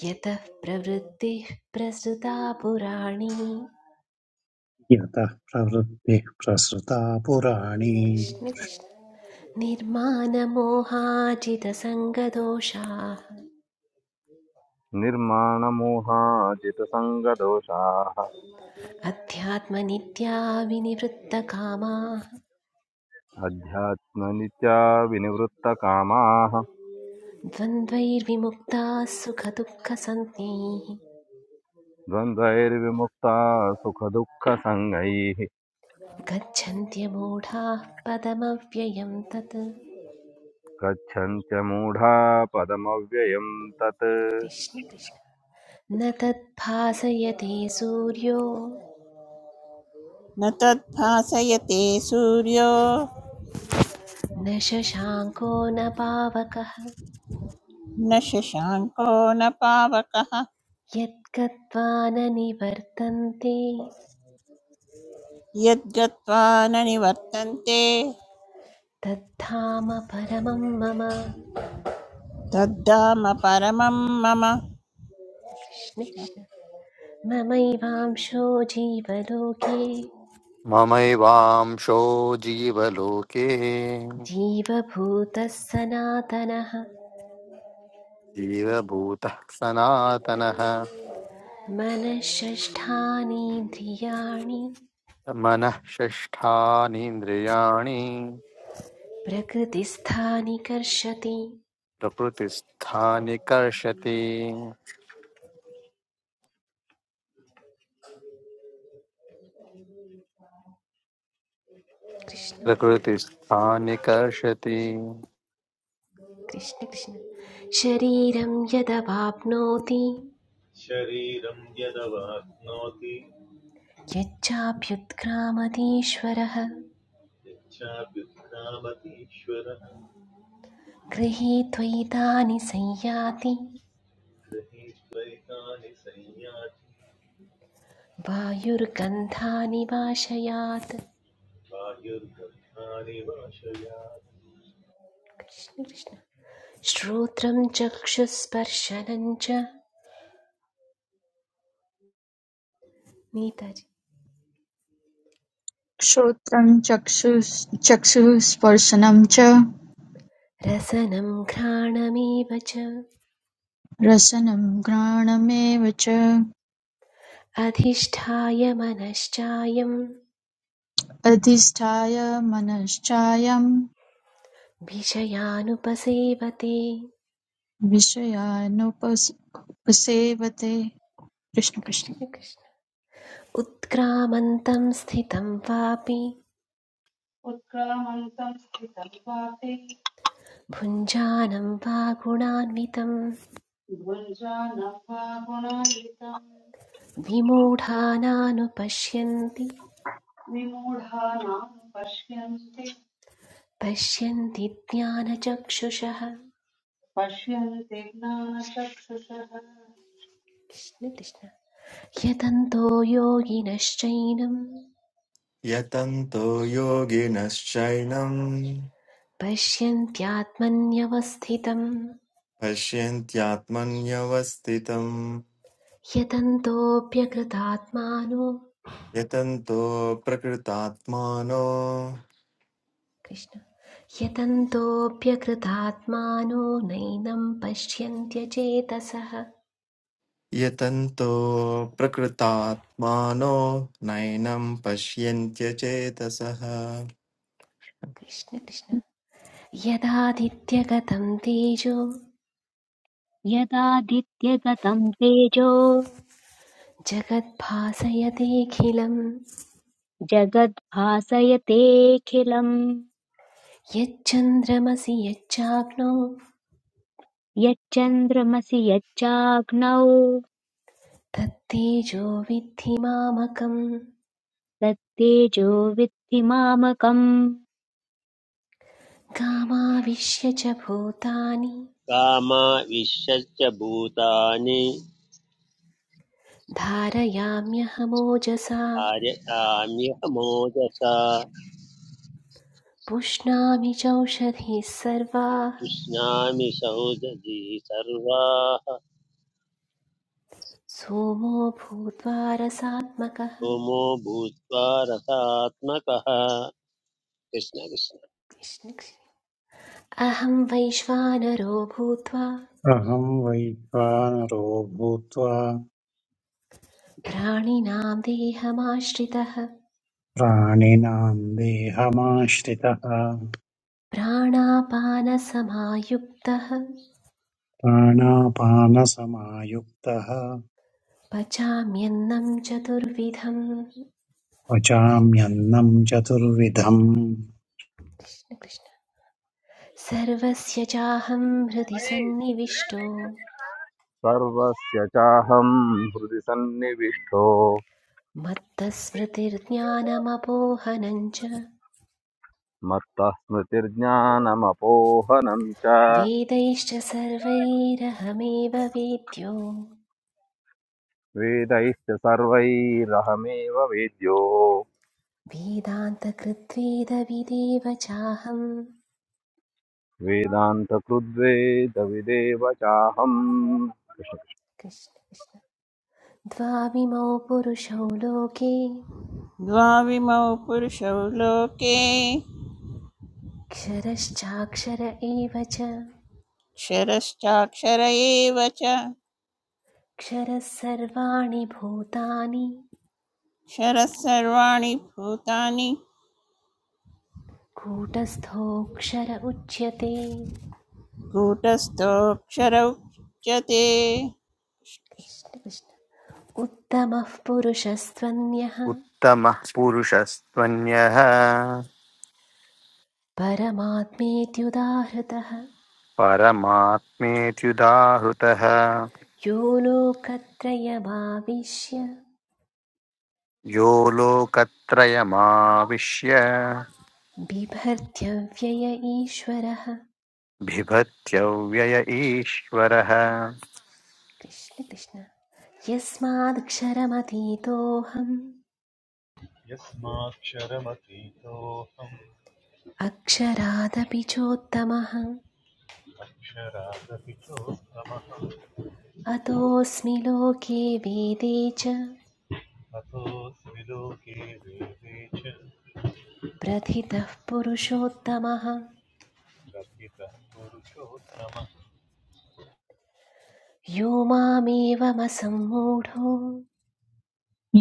S2: यतः प्रवृत्तिः प्रसृता पुराणी
S4: यतः प्रवृत्तिः प्रसृता पुराणी
S2: कृष्ण कृष्ण निर्मानमोहाजितसङ्गदोषाः
S5: निर्माणमोहाजितसङ्गदोषाः
S2: अध्यात्मनित्या विनिवृत्तकामाः
S5: अध्यात्मनित्या विनिवृत्तकामाः
S2: द्वन्द्वैर्विमुक्ताः सुखदुःखसञ्ज्ञैः
S5: द्वन्द्वैर्विमुक्ता सुखदुःखसङ्गैः
S2: गच्छन्त्यमूढाः पदमव्ययं तत्
S5: गच्छन्त्य मूढा पदमव्ययम् तत्
S2: कृष्ण कृष्ण न तद्भासयते सूर्यो
S6: न तद्भासयते सूर्यो
S2: न शशाङ्को न पावकः
S6: न शशाङ्को न पावकः
S2: यद्गत्वा न निवर्तन्ते
S6: यद्गत्वा न निवर्तन्ते
S2: तद्धाम परमं मम
S6: तद्धाम परमं मम कृष्ण
S2: कृष्ण
S6: कृष्ण।
S2: कृष्ण ममैवांशो जीवलोके
S7: ममैवांशो जीवलोके
S2: जीवभूतः सनातनः
S7: जीवभूतः सनातनः
S2: मनःषष्ठानीन्द्रियाणि
S7: मनः षष्ठानीन्द्रियाणि
S2: प्रकृतिस्थानिकर्षति
S7: प्रकृतिस्थानि कर्षति
S2: कृष्ण
S7: प्रकृतिस्थानिकर्षति
S2: कृष्ण कृष्ण शरीरं यदवाप्नोति
S8: शरीरं यदवाप्नोति
S2: यच्चाभ्युत्क्रामतीश्वरः
S8: यच्चाप्युत्क्रामतीश्वरः
S2: गृहीत्वैतानि संयाति
S8: गृहीत्वैतानि संयाति
S2: वायुर्गन्धानि वाशयात्
S8: वायुर्गन्धानि वाशयात्
S2: कृष्ण कृष्ण श्रोत्रं चक्षुस्पर्शनं च नीताजि
S9: श्रोत्रं चक्षुः चक्षुस्पर्शनं च
S2: रसनं घ्राणमेव च
S9: रसनं घ्राणमेव च
S2: अधिष्ठाय मनश्चायं
S9: अधिष्ठाय मनश्चायं
S2: विषयानुपसेवते
S9: विषयानुपस- उपसेवते कृष्ण कृष्ण
S2: कृष्ण कृष्ण उत्क्रामन्तं स्थितं वापि
S10: उत्क्रामन्तं स्थितं वाते
S2: भुञ्जानं वा गुणान्वितं
S10: द्वन्द्वानां वा गुणायितं
S2: विमूढानानुपश्यन्ति
S10: विमूढानां पश्यन्ते
S2: पश्यन्ति ज्ञानचक्षुषः
S10: पश्यन्ते ज्ञानचक्षुषः
S2: कृष्ण कृष्ण यतन्तो योगिनश्चैनं
S11: यतन्तो योगिनश्चैनं
S2: पश्यन्त्यात्मन्यवस्थितं
S11: पश्यन्त्यात्मन्यवस्थितम्
S2: यतन्तोऽप्यकृतात्मानो
S11: यतन्तो प्रकृतात्मानो
S2: कृष्ण यतन्तोऽप्यकृतात्मानो नैनं पश्यन्त्यचेतसः
S11: यतन्तो प्रकृतात्मानो नैनं पश्यन्त्य चेतसः
S2: कृष्ण कृष्ण यदादित्यगतं तेजो
S1: यदादित्यगतम् तेजो
S2: जगद्भासयतेऽखिलं
S1: जगद्भासयतेऽखिलम्
S2: यच्चन्द्रमसि यच्चाग्नो
S1: यच्चन्द्रमसि यच्चाग्नौ
S2: तत्तेजो विद्धि मामकं
S1: तत्तेजो विद्धि मामकम्
S2: गामाविश्य च भूतानि
S3: कामा विश्वश्च भूतानि
S2: धारयाम्यहमोजसा
S3: आर्यताम्यह मोदसा
S2: पुष्णामि चौषधिः सर्वाः
S3: उष्णामि सौदजी सर्वाः
S2: सोमो भूत्वा रसात्मकः
S3: होमो भूत्वा रसात्मकः कृष्ण कृष्ण
S2: कृष्ण अहं वैश्वानरो भूत्वा
S4: अहं वैश्वानरो भूत्वा
S2: प्राणिनां देहमाश्रितः
S4: प्राणिनां देहमाश्रितः
S2: प्राणापानसमायुक्तः
S4: प्राणापानसमायुक्तः
S2: पचाम्यन्नं चतुर्विधं
S4: पचाम्यन्नं चतुर्विधम्
S2: कृष्ण कृष्ण। सर्वस्य चाहं हृदि सन्निविष्टो
S5: सर्वस्य चाहं हृदि सन्निविष्टो
S2: मत्तस्मृतिर्ज्ञानमपोहनञ्च
S5: मत्तः स्मृतिर्ज्ञानमपोहनं च
S2: वेदैश्च सर्वैरहमेव वेद्यो
S5: वेदैश्च सर्वैरहमेव वेद्यो
S2: वेदान्तकृत्वेदविदेव चाहम्
S5: वेदान्तकृद्वेदविदेव चाहम्
S2: कृष्ण कृष्ण द्वाविमौ पुरुषौ लोके
S6: द्वाविमौ पुरुषौ लोके
S2: क्षरश्चाक्षर एव च
S6: क्षरश्चाक्षर एव च
S2: क्षरः सर्वाणि भूतानि
S6: क्षरः सर्वाणि भूतानि
S2: कूटस्थोऽक्षर उच्यते
S6: कूटस्थोऽक्षर उच्यते
S2: कृष्ण कृष्ण उत्तमः पुरुषस्त्वन्यः
S7: उत्तमः पुरुषस्त्वन्यः
S2: परमात्मेत्युदाहृतः
S7: परमात्मेत्युदाहृतः
S2: यो लोकत्रयमाविश्य
S7: यो लोकत्रयमाविश्य
S2: बिभर्त्यव्यय ईश्वरः
S7: बिभत्यव्यय ईश्वरः
S2: कृष्ण कृष्ण यस्मादक्षरमतीतोऽहम्
S8: यस्माक्षरमतीतोऽहम्
S2: अक्षरादपि चोत्तमः
S8: अक्षरादतिचोत्तमः
S2: अतोऽस्मि लोके वेदे च
S8: अतोऽस्मि लोके वेदे च
S2: प्रथितः पुरुषोत्तमः
S8: प्रथितः पुरुषोत्तमः
S2: यो मामेवमसम्मूढो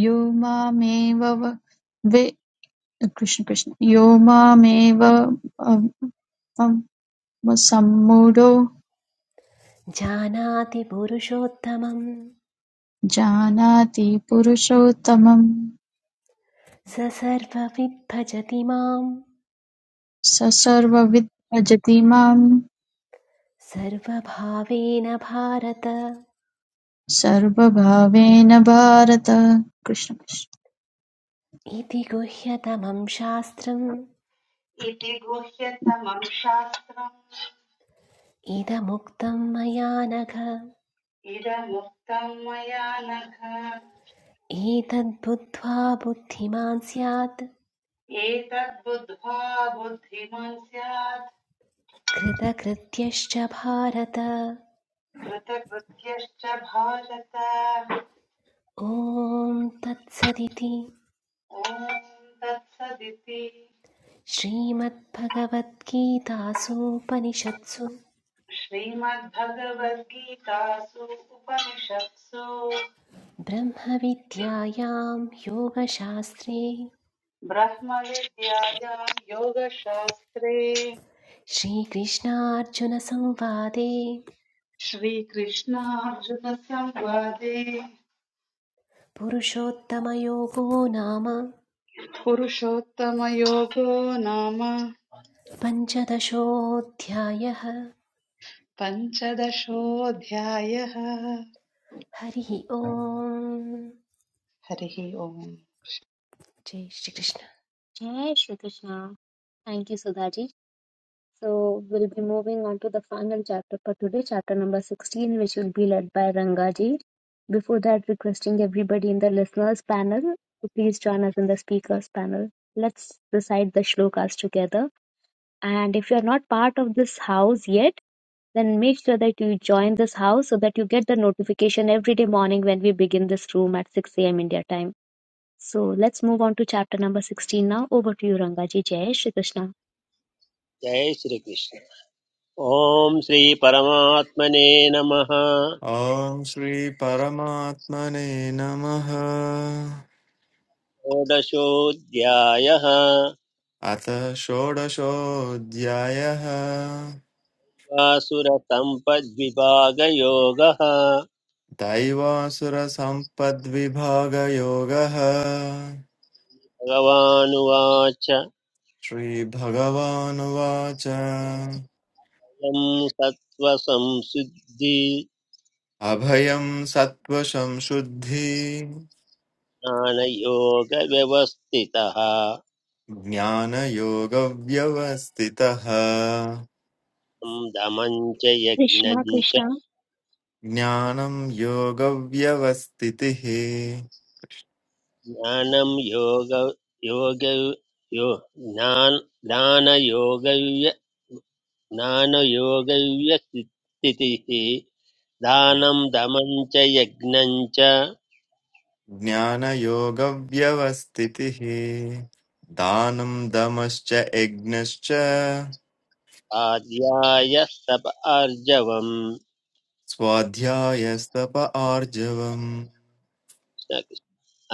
S9: यो मामेव व- वे कृष्ण कृष्ण यो मामेव अव- अव- सम्मूढो
S2: जानाति पुरुषोत्तमं
S9: जानाति पुरुषोत्तमं
S2: स सर्वविद् भजति मां
S9: स सर्वविद् भजति माम्
S2: सर्वभावेन भारत
S9: सर्वभावेन भारत कृष्ण कृष्ण।
S2: इति गुह्यतमं शास्त्रम्
S10: इति गुह्यतमं शास्त्रम्
S2: इदमुक्तं मया नघ
S10: इदमुक्तं मया नघ
S2: एतद्बुद्ध्वा बुद्धिमान् स्यात्
S10: एतद्बुद्ध्वा बुद्धिमान् स्यात्
S2: कृतकृत्यश्च भारत
S10: कृतकृत्यश्च भारत
S2: ॐ तत्सदिति
S10: ॐ तत्सदिति
S2: श्रीमद्भगवद्गीतासूपनिषत्सु
S10: श्रीमद्भगवद्गीतासु उपनिषत्सु
S2: ब्रह्मविद्यायां योगशास्त्रे
S10: ब्रह्मविद्यायां योगशास्त्रे
S2: श्रीकृष्णार्जुनसंवादे
S10: श्रीकृष्णार्जुनसंवादे
S2: पुरुषोत्तमयोगो नाम
S10: पुरुषोत्तमयोगो नाम
S2: पञ्चदशोऽध्यायः
S10: पञ्चदशोऽध्यायः
S2: हरिः ॐ
S10: हरिः ओम्
S2: जय Shri Krishna
S1: Jai Shri Krishna. Thank you, Sudhaji. So we'll be moving on to the final chapter for today, chapter number 16, which will be led by Rangaji. Before that, requesting everybody in the listeners panel to please join us in the speakers panel. Let's recite the shlokas together. And if you're not part of this house yet, then make sure that you join this house so that you get the notification every day morning when we begin this room at 6 a.m. India time. So let's move on to chapter number 16 now. Over to you, Rangaji. Jai Shri Krishna.
S3: जय श्रीकृष्ण ॐ श्रीपरमात्मने नमः
S11: ॐ श्रीपरमात्मने नमः
S3: षोडशोऽध्यायः
S11: अथ षोडशोऽध्यायः
S3: वासुरसम्पद्विभागयोगः
S11: दैवासुरसम्पद्विभागयोगः
S3: भगवानुवाच अयं
S11: श्रीभगवानुवाच अभयं सत्त्वशं शुद्धि
S3: सत्त्वसंशुद्धिज्ञानयोगव्यवस्थितः
S11: ज्ञानयोगव्यवस्थितः
S3: तं दमं च यज्ञं
S1: कृष्ण
S3: च
S1: कृष्ण
S11: ज्ञानं योगव्यवस्थितिः
S3: ज्ञानं योग योग यो ज्ञान ज्ञानयोगव्य ज्ञानयोगव्यस्थितिः दानं दमं च यज्ञं च
S11: ज्ञानयोगव्यवस्थितिः दानं दमश्च यज्ञश्च
S3: आद्याय तप आर्जवम्
S11: स्वाध्यायस्तप आर्जवम्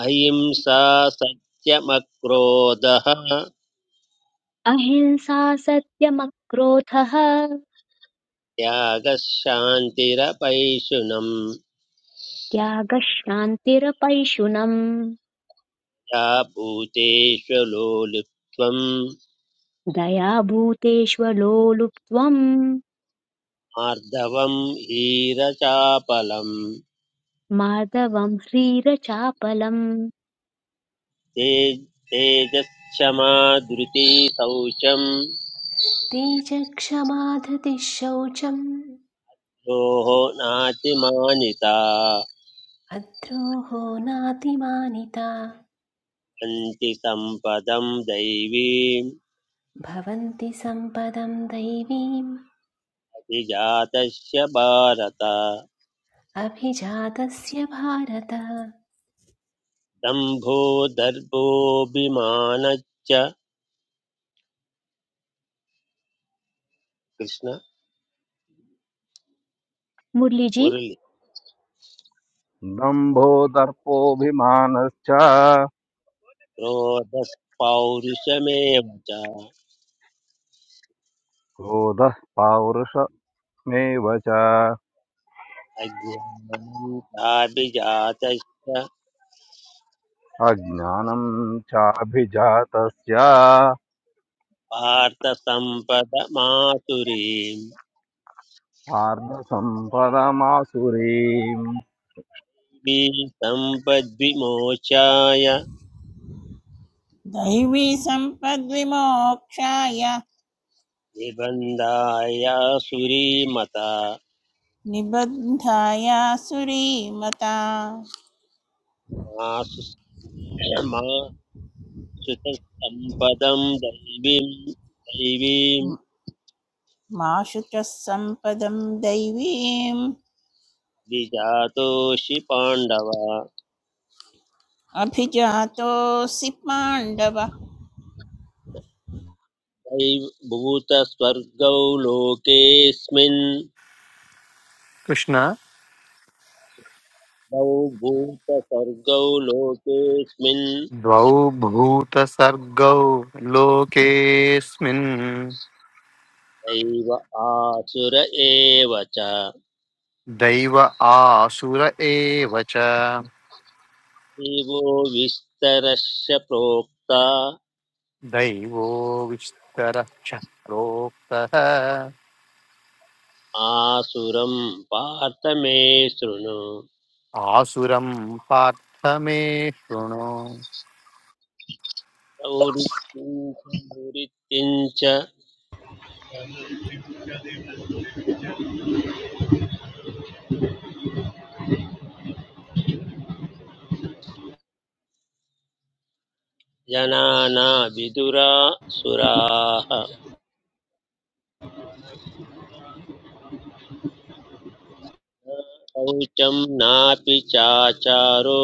S3: अहिंसा सत्यमक्रोधः
S1: अहिंसा सत्यमक्रोधः
S3: त्यागः शान्तिरपैशुनम्
S1: त्यागशान्तिरपैशुनम्
S3: या भूतेषु लोलुप्त्वम्
S1: दयाभूतेष्वलोलुप्त्वम्
S3: आर्दवम् हीरचापलम्
S1: माधवम् ह्रीरचापलम्
S3: ते तेजक्षमा धृती शौचम्
S2: ते च क्षमाधृतिः शौचम्
S3: योः नातिमानिता
S2: अद्रोहो नातिमानिता
S3: हन्ति सम्पदम् दैवीम्
S2: भवन्ति सम्पदं दैवीम्
S3: अभिजातस्य भारत
S2: अभिजातस्य भारत
S3: दम्भो दर्भोऽभिमानश्च कृष्ण
S1: मुरलीजी
S3: मुरली
S5: दम्भो दर्पोऽभिमानश्च
S3: क्रोधः पौरुषमेव च
S5: क्रोधः पौरुषमेव च
S3: अज्ञानं चाभिजातश्च
S5: अज्ञानं चाभिजातस्य
S3: पार्थसम्पदमासुरीम्
S5: आर्धसम्पदमासुरीम्
S3: सम्पद्विमोचाय
S6: दैवी सम्पद्विमोक्षाय
S3: निबन्धाय सुरीमता
S6: निबद्धाय सुरीमता
S3: मासु मा दैवीं दैवीं
S6: म- माशु च सम्पदं दैवीम्
S3: विजातोषि पाण्डव दैव
S6: अभिजातोऽसि पाण्डव
S3: भूतस्वर्गौ लोकेऽस्मिन्
S7: कृष्ण
S3: द्वौ सर्गौ लोकेऽस्मिन्
S7: द्वौ भूतसर्गौ लोकेऽस्मिन्
S3: दैव आसुर एव च
S7: दैव आसुर एव च
S3: एवो विस्तरस्य प्रोक्ता
S7: दैवो विस्तरः प्रोक्तः
S3: आसुरं पार्थ मे शृणु
S7: आसुरं पार्थ मे शृणु
S3: प्रवृत्तिं च जनाना विदुरा सुराः न शौचं नापि चाचारो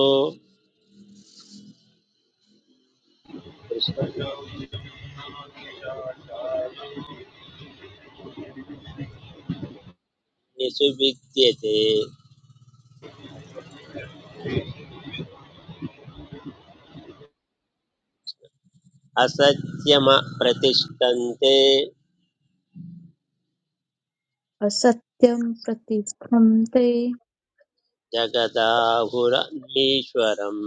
S3: कृष्ण निषु विद्यते असत्यम प्रतिष्ठन्ते
S9: असत्यं प्रतिस्थं ते
S3: जगदाहुरनीश्वरम्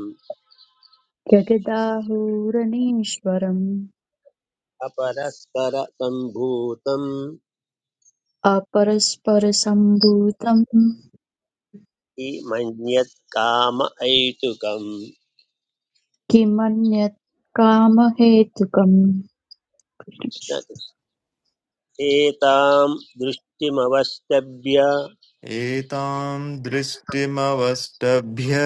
S9: जगदाहुरणीश्वरम्
S3: अपरस्पर सम्भूतम्
S9: अपरस्परसम्भूतं
S3: इमन्यत् काम ऐतुकम्
S9: किमन्यत् कामहेतुकम् कृष्ण कृष्ण।
S3: एतां दृष्टिमवस्तभ्य
S11: एतां दृष्टिमवष्टभ्य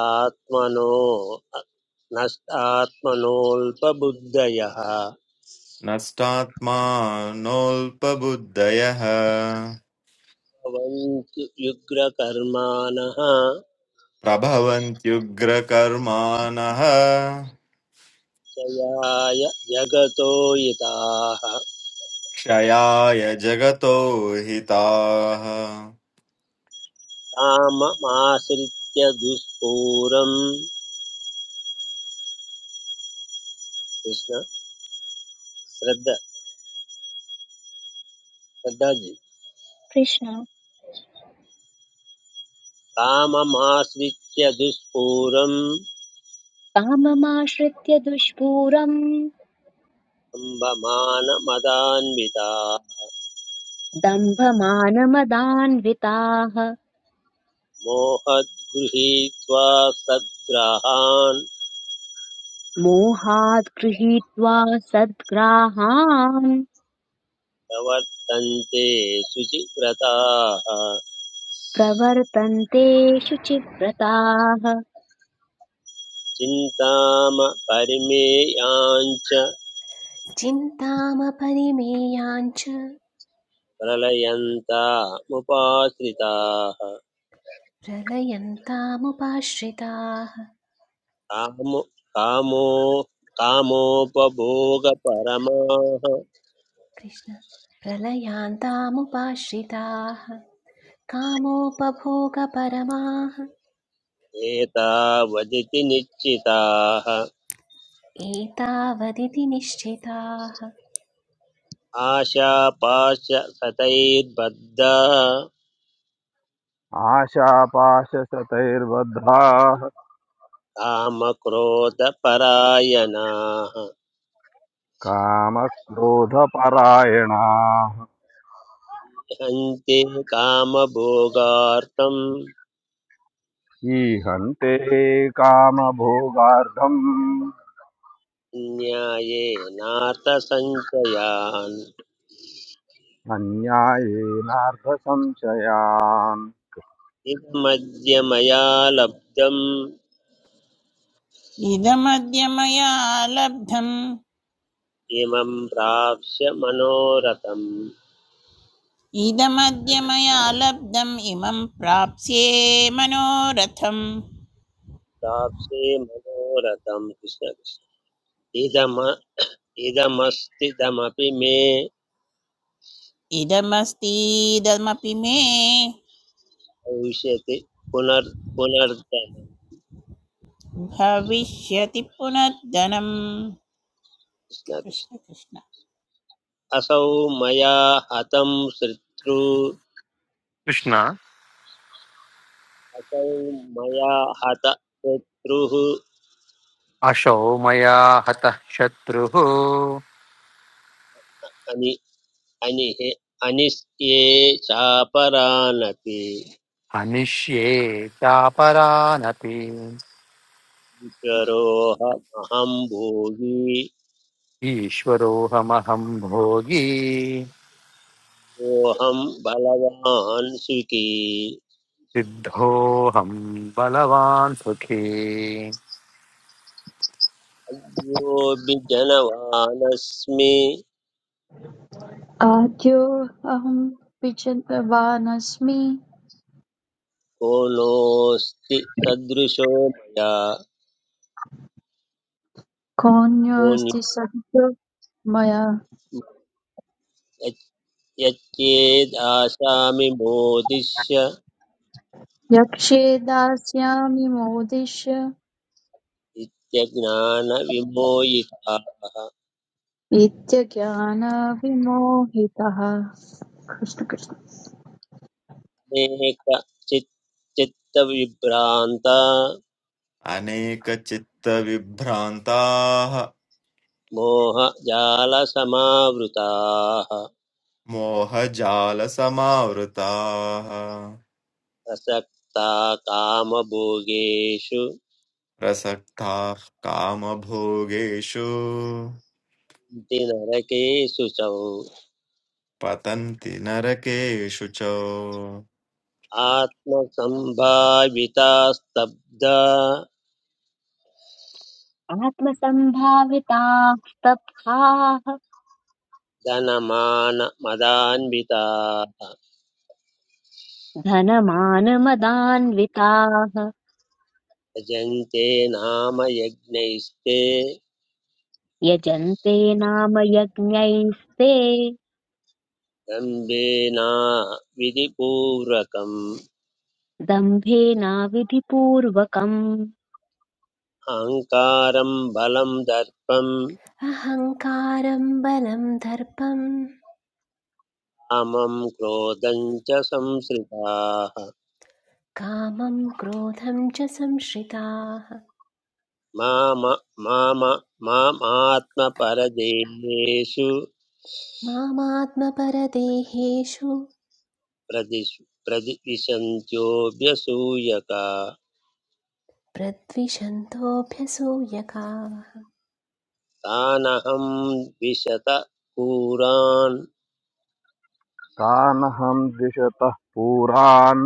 S3: आत्मनो नष्टात्मनोऽल्पबुद्धयः
S11: नष्टात्मानोऽल्पबुद्धयः
S3: भवन्तु युग्रकर्माणः
S11: प्रभवन्त्युग्रकर्माणः
S3: जयाय जगतो हिताः
S11: क्षयाय जगतो हिताः
S3: काममाश्रित्य दुष्पूरम् कृष्ण श्रद्ध श्रद्धाजी
S1: कृष्ण
S3: काममाश्रित्य दुष्पूरं
S1: काममाश्रित्य दुष्पूरम्
S3: कुम्भमानमदान्विता
S1: दम्भमानमदान्विताः
S3: मोहद्गृहीत्वा सद्ग्रहान्
S1: मोहात् गृहीत्वा सद्ग्राहान्
S3: प्रवर्तन्ते शुचिव्रताः
S1: प्रवर्तन्ते शुचिव्रताः
S3: चिन्तामपरिमेयाञ्च
S2: चिन्तामपरिमेयाञ्च
S3: प्रलयन्तामुपाश्रिताः
S2: प्रलयन्तामुपाश्रिताः
S3: कामो कामो कामोपभोगपरमाः
S2: कृष्ण प्रलयान्तामुपाश्रिताः कामोपभोगपरमाः
S3: एतावदिति निश्चिताः
S2: एतावदिति निश्चिताः
S3: आशापाशसतैर्बद्धा
S5: आशापाशशतैर्बद्धाः
S3: कामक्रोधपरायणाः
S5: कामक्रोधपरायणाः
S3: हन्ति कामभोगार्थम्
S5: ईहन्ते कामभोगार्थम्
S3: न्यायेनार्थसञ्चयान्
S5: अन्यायेनार्थसंशयान्
S3: इदमद्य मया लब्धम्
S6: इदमद्य मया लब्धम्
S3: इमं प्राप्स्य मनोरथम्
S6: इदमद्य मया लब्धम् इमं प्राप्स्ये मनोरथम्
S3: प्राप्स्ये मनोरथम् कृष्ण कृष्ण इदम इदमस्तिदमपि मे
S6: इदमस्तीदमपि मे
S3: भविष्यति पुनर् पुनर्जन्म
S6: भविष्यति पुनर्धनम्
S3: कृष्ण कृष्ण
S6: कृष्ण कृष्ण
S3: असौ मया हतं शत्रु
S7: कृष्ण
S3: असौ मया हत शत्रुः
S7: अशौ मया हतः शत्रुः
S3: अनि अनिः अनिष्ये चापरानपि
S7: हनिष्ये चापरानपि
S3: करोऽहमहं भोगी
S7: ईश्वरोऽहमहं भोगी
S3: सोऽहं बलवान् सुखी
S7: सिद्धोऽहं बलवान् सुखी
S3: अयोऽपि जनवानस्मि
S9: आद्यो अहं विचितवानस्मि
S3: को नोऽस्ति सदृशो मया को
S9: कोऽन्योऽस्ति सद्यो मया
S3: यच्- यच्चेदाशामि बोधिष्य
S9: यक्ष्ये दास्यामि मोदिष्य
S3: नित्यज्ञानविमोहिताः
S9: इत्यज्ञानविमोहितः कृष्ण कृष्ण
S3: अनेक चित् चित्तविभ्रान्ता
S11: अनेकचित्तविभ्रान्ताः
S3: मोहजालसमावृताः
S11: मोहजालसमावृताः
S3: प्रसक्ता कामभोगेषु
S11: प्रसक्ताः कामभोगेषु
S3: सन्ति नरकेषु च
S11: पतन्ति नरकेषु च
S3: आत्मसम्भाविता स्तब्धा
S1: आत्मसम्भाविताः स्तब्धाः
S3: धनमानमदान्विताः
S1: धनमानमदान्विताः
S3: यजन्ते नाम यज्ञैस्ते
S1: यजन्ते नाम यज्ञैस्ते
S3: दम्भेना विधिपूर्वकम्
S1: दम्भेनाविधिपूर्वकम्
S3: अहङ्कारम् बलम् दर्पम्
S2: अहङ्कारं बलं दर्पं
S3: कामम् क्रोधम् च संश्रिताः
S2: कामं क्रोधं च संश्रिताः
S3: माम माम मामात्मपरदेहेषु
S2: मामात्मपरदेहेषु
S3: प्रदिश प्रदिविशन्त्योऽभ्यसूयका
S2: प्रद्विषन्तोऽभ्यसूयकाः
S3: तानहं द्विशत क्रूरान्
S5: तानहं द्विषतः पुरान्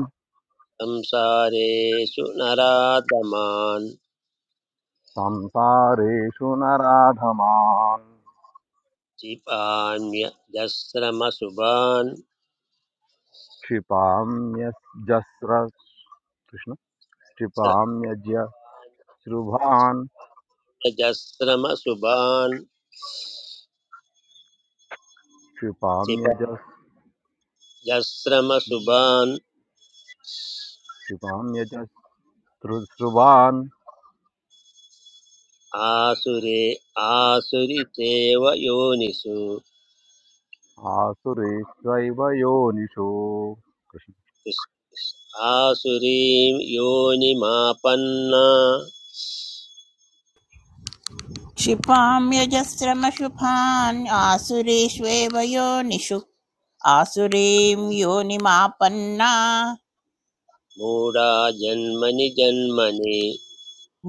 S3: संसारेषु नराधमान्
S5: संसारेषु नराधमान्
S3: क्षिपान्यजस्रमसुभान्
S5: क्षिपाम्यजस्र कृष्ण क्षिपाम्यज्यश्रुभान्
S3: जस्रमसुभान् क्षिपा
S5: क्षिपाम्यजस्
S3: जस्रमसुभान्
S5: क्षिपाम्यजस्रुश्रुभान्
S3: आसुरे आसुरितेव योनिषु
S5: आसुरेष्वैव योनिषु
S3: आसुरीं योनिमापन्ना
S6: क्षिपां यजस्रमशुभान् आसुरेष्वेव योनिषु आसुरीं योनिमापन्ना
S3: मूढा जन्मनि जन्मनि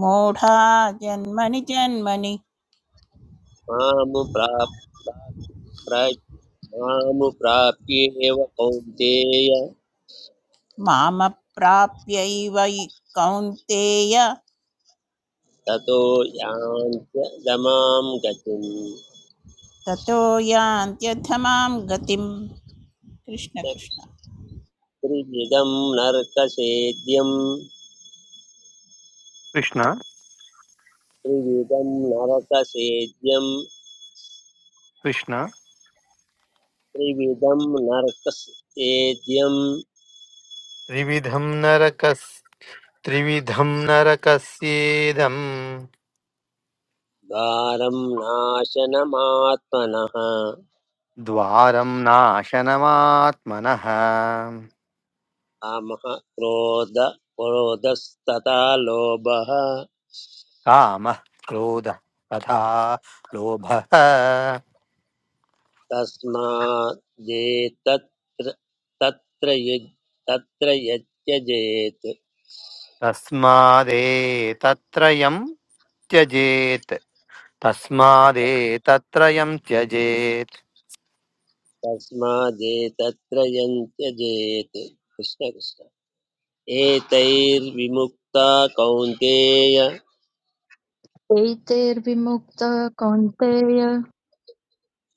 S6: मूढा जन्मनि जन्मनि
S3: मामुप्राप् मामुप्राप्येव कौन्तेय
S6: मामप्राप्यैव कौन्तेय
S3: ततो यान्त्यदमां गतिम्
S6: ततो यान्त्यथ मां गतिं कृष्ण कृष्ण
S3: त्रिविधं नरकसेद्यं
S7: कृष्ण
S3: त्रिविधं नरकसेद्यं
S7: कृष्ण
S3: त्रिविधं नरकसेद्यं
S7: त्रिविधं नरकस् त्रिविधं नरकस्येदम्
S3: द्वारं नाशनमात्मनः
S7: द्वारं नाशनमात्मनः
S3: कामः क्रोध क्रोधस्तथा लोभः
S7: कामः क्रोधः तथा लोभः
S3: तस्मात् जे तत्र तत्र युज् तत्र यत्यजेत्
S7: तस्मादेतत्रयम् त्यजेत् तस्मादेतत्रयम् त्यजेत्
S3: तस्मात् जे तत्र एतैर्विमुक्ता कौन्तेय
S9: एतैर्विमुक्त कौन्तेय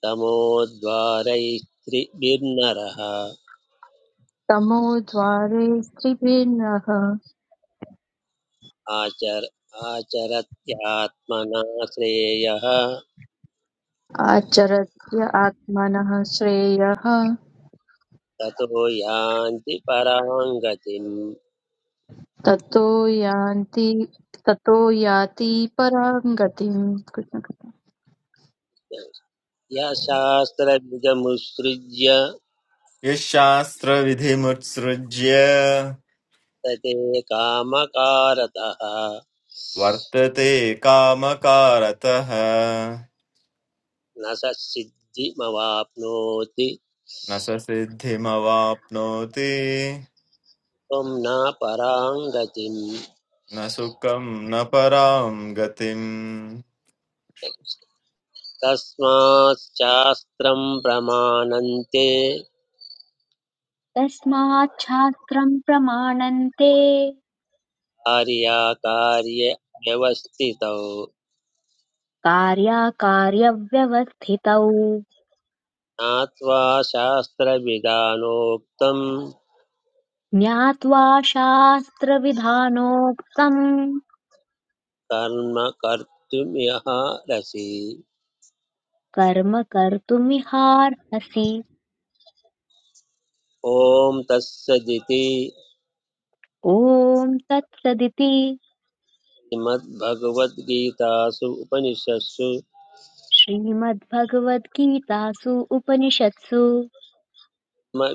S3: तमोद्वारैस्त्रिभिर्नरः
S9: तमो द्वारे त्रिभिन्नः
S3: आचर आचरत्यात्मना श्रेयः
S9: आचरत्य आत्मनः श्रेयः
S3: ततो यान्ति परां गतिम्
S9: ततो यान्ति ततो याति परां गतिम् कृष्ण कृष्ण
S3: यः शास्त्रविदमुत्सृज्य
S11: यः शास्त्रविधिमुत्सृज्य
S3: तते कामकारतः
S11: वर्तते कामकारतः
S3: न स सिद्धिमवाप्नोति
S11: न स सिद्धिमवाप्नोति
S3: त्वं न परां गतिम्
S11: न सुखं न परां गतिम्
S3: तस्माच्चास्त्रं प्रमाणन्ते
S1: तस्माच्छास्त्रम् प्रमाणन्ते
S3: कार्याकार्यव्यवस्थितौ
S1: कार्याकार्यव्यवस्थितौ
S3: ज्ञात्वा शास्त्रविधानोक्तं
S1: ज्ञात्वा शास्त्रविधानोक्तम्
S3: कर्म कर्तुमिहारसि
S1: कर्म कर्तुमिहार्हसि
S3: ॐ तत्सदिति
S1: ॐ तत्सदिति
S3: श्रीमद्भगवद्गीतासु उपनिषत्सु
S1: श्रीमद्भगवद्गीतासु उपनिषत्सु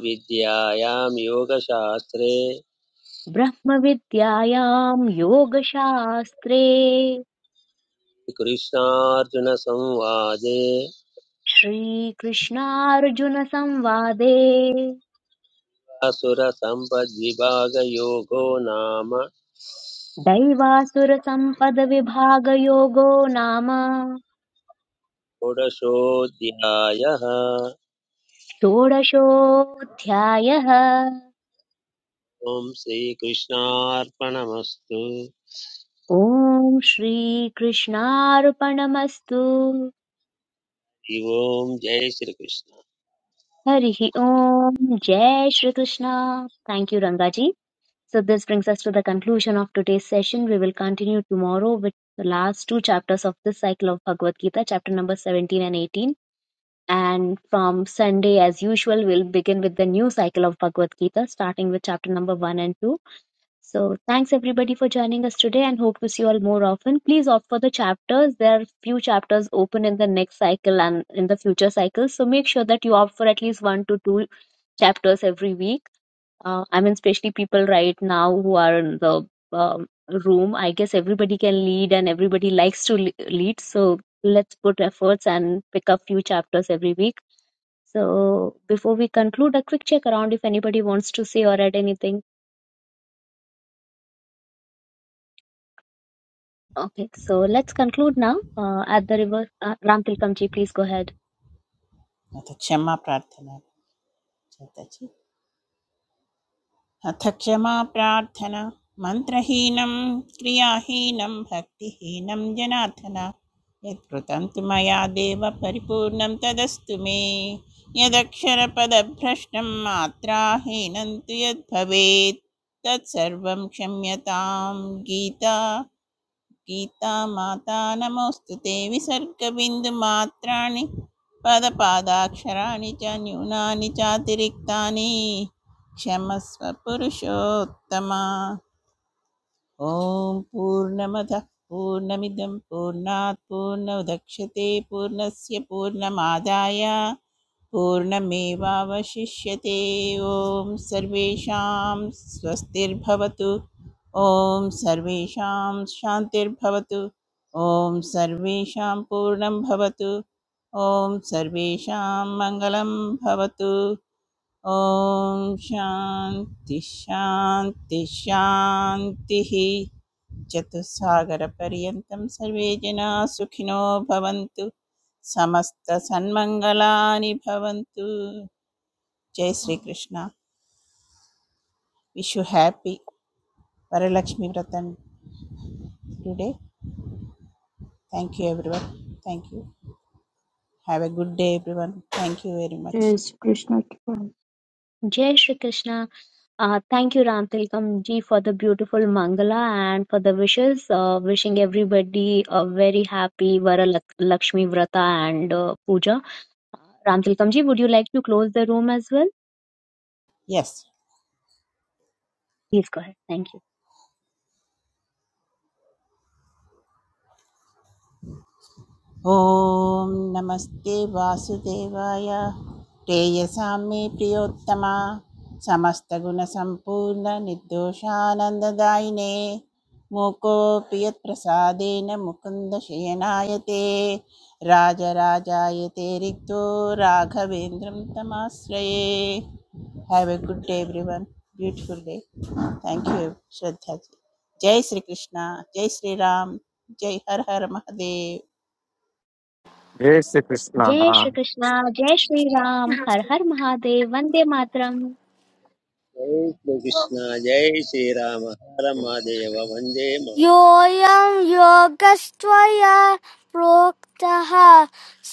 S3: विद्यायां योगशास्त्रे
S1: ब्रह्मविद्यायां योगशास्त्रे
S3: कृष्णार्जुनसंवादे
S1: श्रीकृष्णार्जुनसंवादे
S3: असुरसम्पद्विभागयोगो नाम
S1: दैवासुरसम्पदविभागयोगो नाम
S3: षोडशोऽध्यायः
S1: षोडशोऽध्यायः
S3: ॐ श्रीकृष्णार्पणमस्तु
S1: ॐ श्रीकृष्णार्पणमस्तु
S3: हरि ओम् जय श्रीकृष्ण
S1: हरिः ओम् जय Shri Krishna thank you Rangaji So this brings us to the conclusion of today's session. We will continue tomorrow with the last two chapters of this cycle of Bhagavad Gita, chapter number 17 and 18. And from Sunday, as usual, we'll begin with the new cycle of Bhagavad Gita, starting with chapter number 1 and 2. So thanks everybody for joining us today and hope to see you all more often. Please opt for the chapters. There are few chapters open in the next cycle and in the future cycles. So make sure that you opt for at least one to two chapters every week uh, I mean, especially people right now who are in the um, room. I guess everybody can lead and everybody likes to le- lead. So let's put efforts and pick up few chapters every week. So before we conclude, a quick check around if anybody wants to say or add anything. Okay, so let's conclude now. Uh, at the river, uh, Ram Tilkamji, please go ahead.
S6: अथ क्षमा प्रार्थना चेतचि अथ क्षमा प्रार्थना मन्त्रहीनं क्रियाहीनं भक्तिहीनं जनार्दन यत्कृतं तु मया देव परिपूर्णं तदस्तु मे यदक्षरपदभ्रष्टं मात्राहीनं तु यद्भवेत् तत्सर्वं क्षम्यतां गीता गीता माता नमोऽस्तु ते विसर्गबिन्दुमात्राणि पदपादाक्षराणि च न्यूनानि चातिरिक्तानि क्षमस्व पुरुषोत्तम ॐ पूर्णमदः पूर्णमिदं पूर्णात् पूर्णोदक्ष्यते पूर्णस्य पूर्णमादाय पूर्णमेवावशिष्यते ॐ सर्वेषां स्वस्तिर्भवतु ॐ सर्वेषां शान्तिर्भवतु ॐ सर्वेषां पूर्णं भवतु ॐ सर्वेषां मङ्गलं भवतु ॐ शान्ति शान्ति शान्तिः चतुस्सागरपर्यन्तं सर्वे जनाः सुखिनो भवन्तु समस्तसन्मङ्गलानि भवन्तु जय श्रीकृष्ण विश् you happy Varalakshmi व्रतम today thank you everyone thank you have a good day everyone thank you very much
S9: जय Shri Krishna
S1: Jai Shri Krishna. Uh, thank you, Ram Tilakam ji, for the beautiful Mangala and for the wishes. Uh, wishing everybody a very happy Vara Lak- Lakshmi Vrata and uh, Puja. Ram Tilakam ji, would you like to close the room as well?
S6: Yes
S1: Please go ahead. Thank you.
S6: ॐ नमस्ते वासुदेवाय प्रेयसां मे प्रियोत्तमा समस्तगुणसम्पूर्णनिर्दोषानन्ददायिने मूकोऽपि यत्प्रसादेन मुकुन्दशयनाय ते राजराजाय ते रिक्तो राघवेन्द्रं तमाश्रये have a good day everyone beautiful day thank you Shraddha ji जय श्री कृष्णा जय श्री राम जय हर हर महादेव
S7: हे श्रीकृष्णः
S1: Jai Shri Krishna, Jai Shri Ram, Har Har Mahadev, Vande Mataram.
S3: जय श्रीकृष्ण जय श्रीराम हर महादेव वन्दे मातरम्।
S7: योऽयं योगस्त्वया प्रोक्तः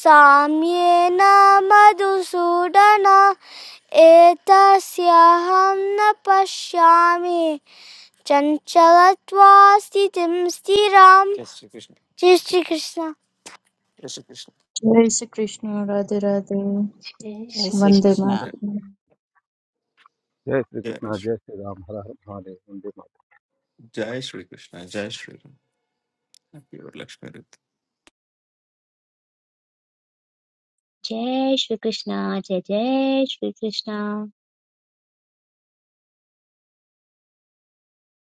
S7: साम्येन मधुसूदन एतस्याहं न पश्यामि चञ्चलत्वा स्थितिं स्थिरां Yes, Sri Krishna. जय श्रीकृष्ण Yes, Sri Krishna.
S9: जय श्री कृष्ण राधे राधे
S6: जय श्री
S9: वन्दे
S6: कृष्णा
S9: मातरम्
S5: जय श्री
S11: जय
S5: कृष्णा जय श्री राम हर हर महादेव वंदे मातरम।
S11: जय श्री कृष्ण जय Shri Krishna
S1: Jai Shri Krishna, Jai Jai Shri Krishna.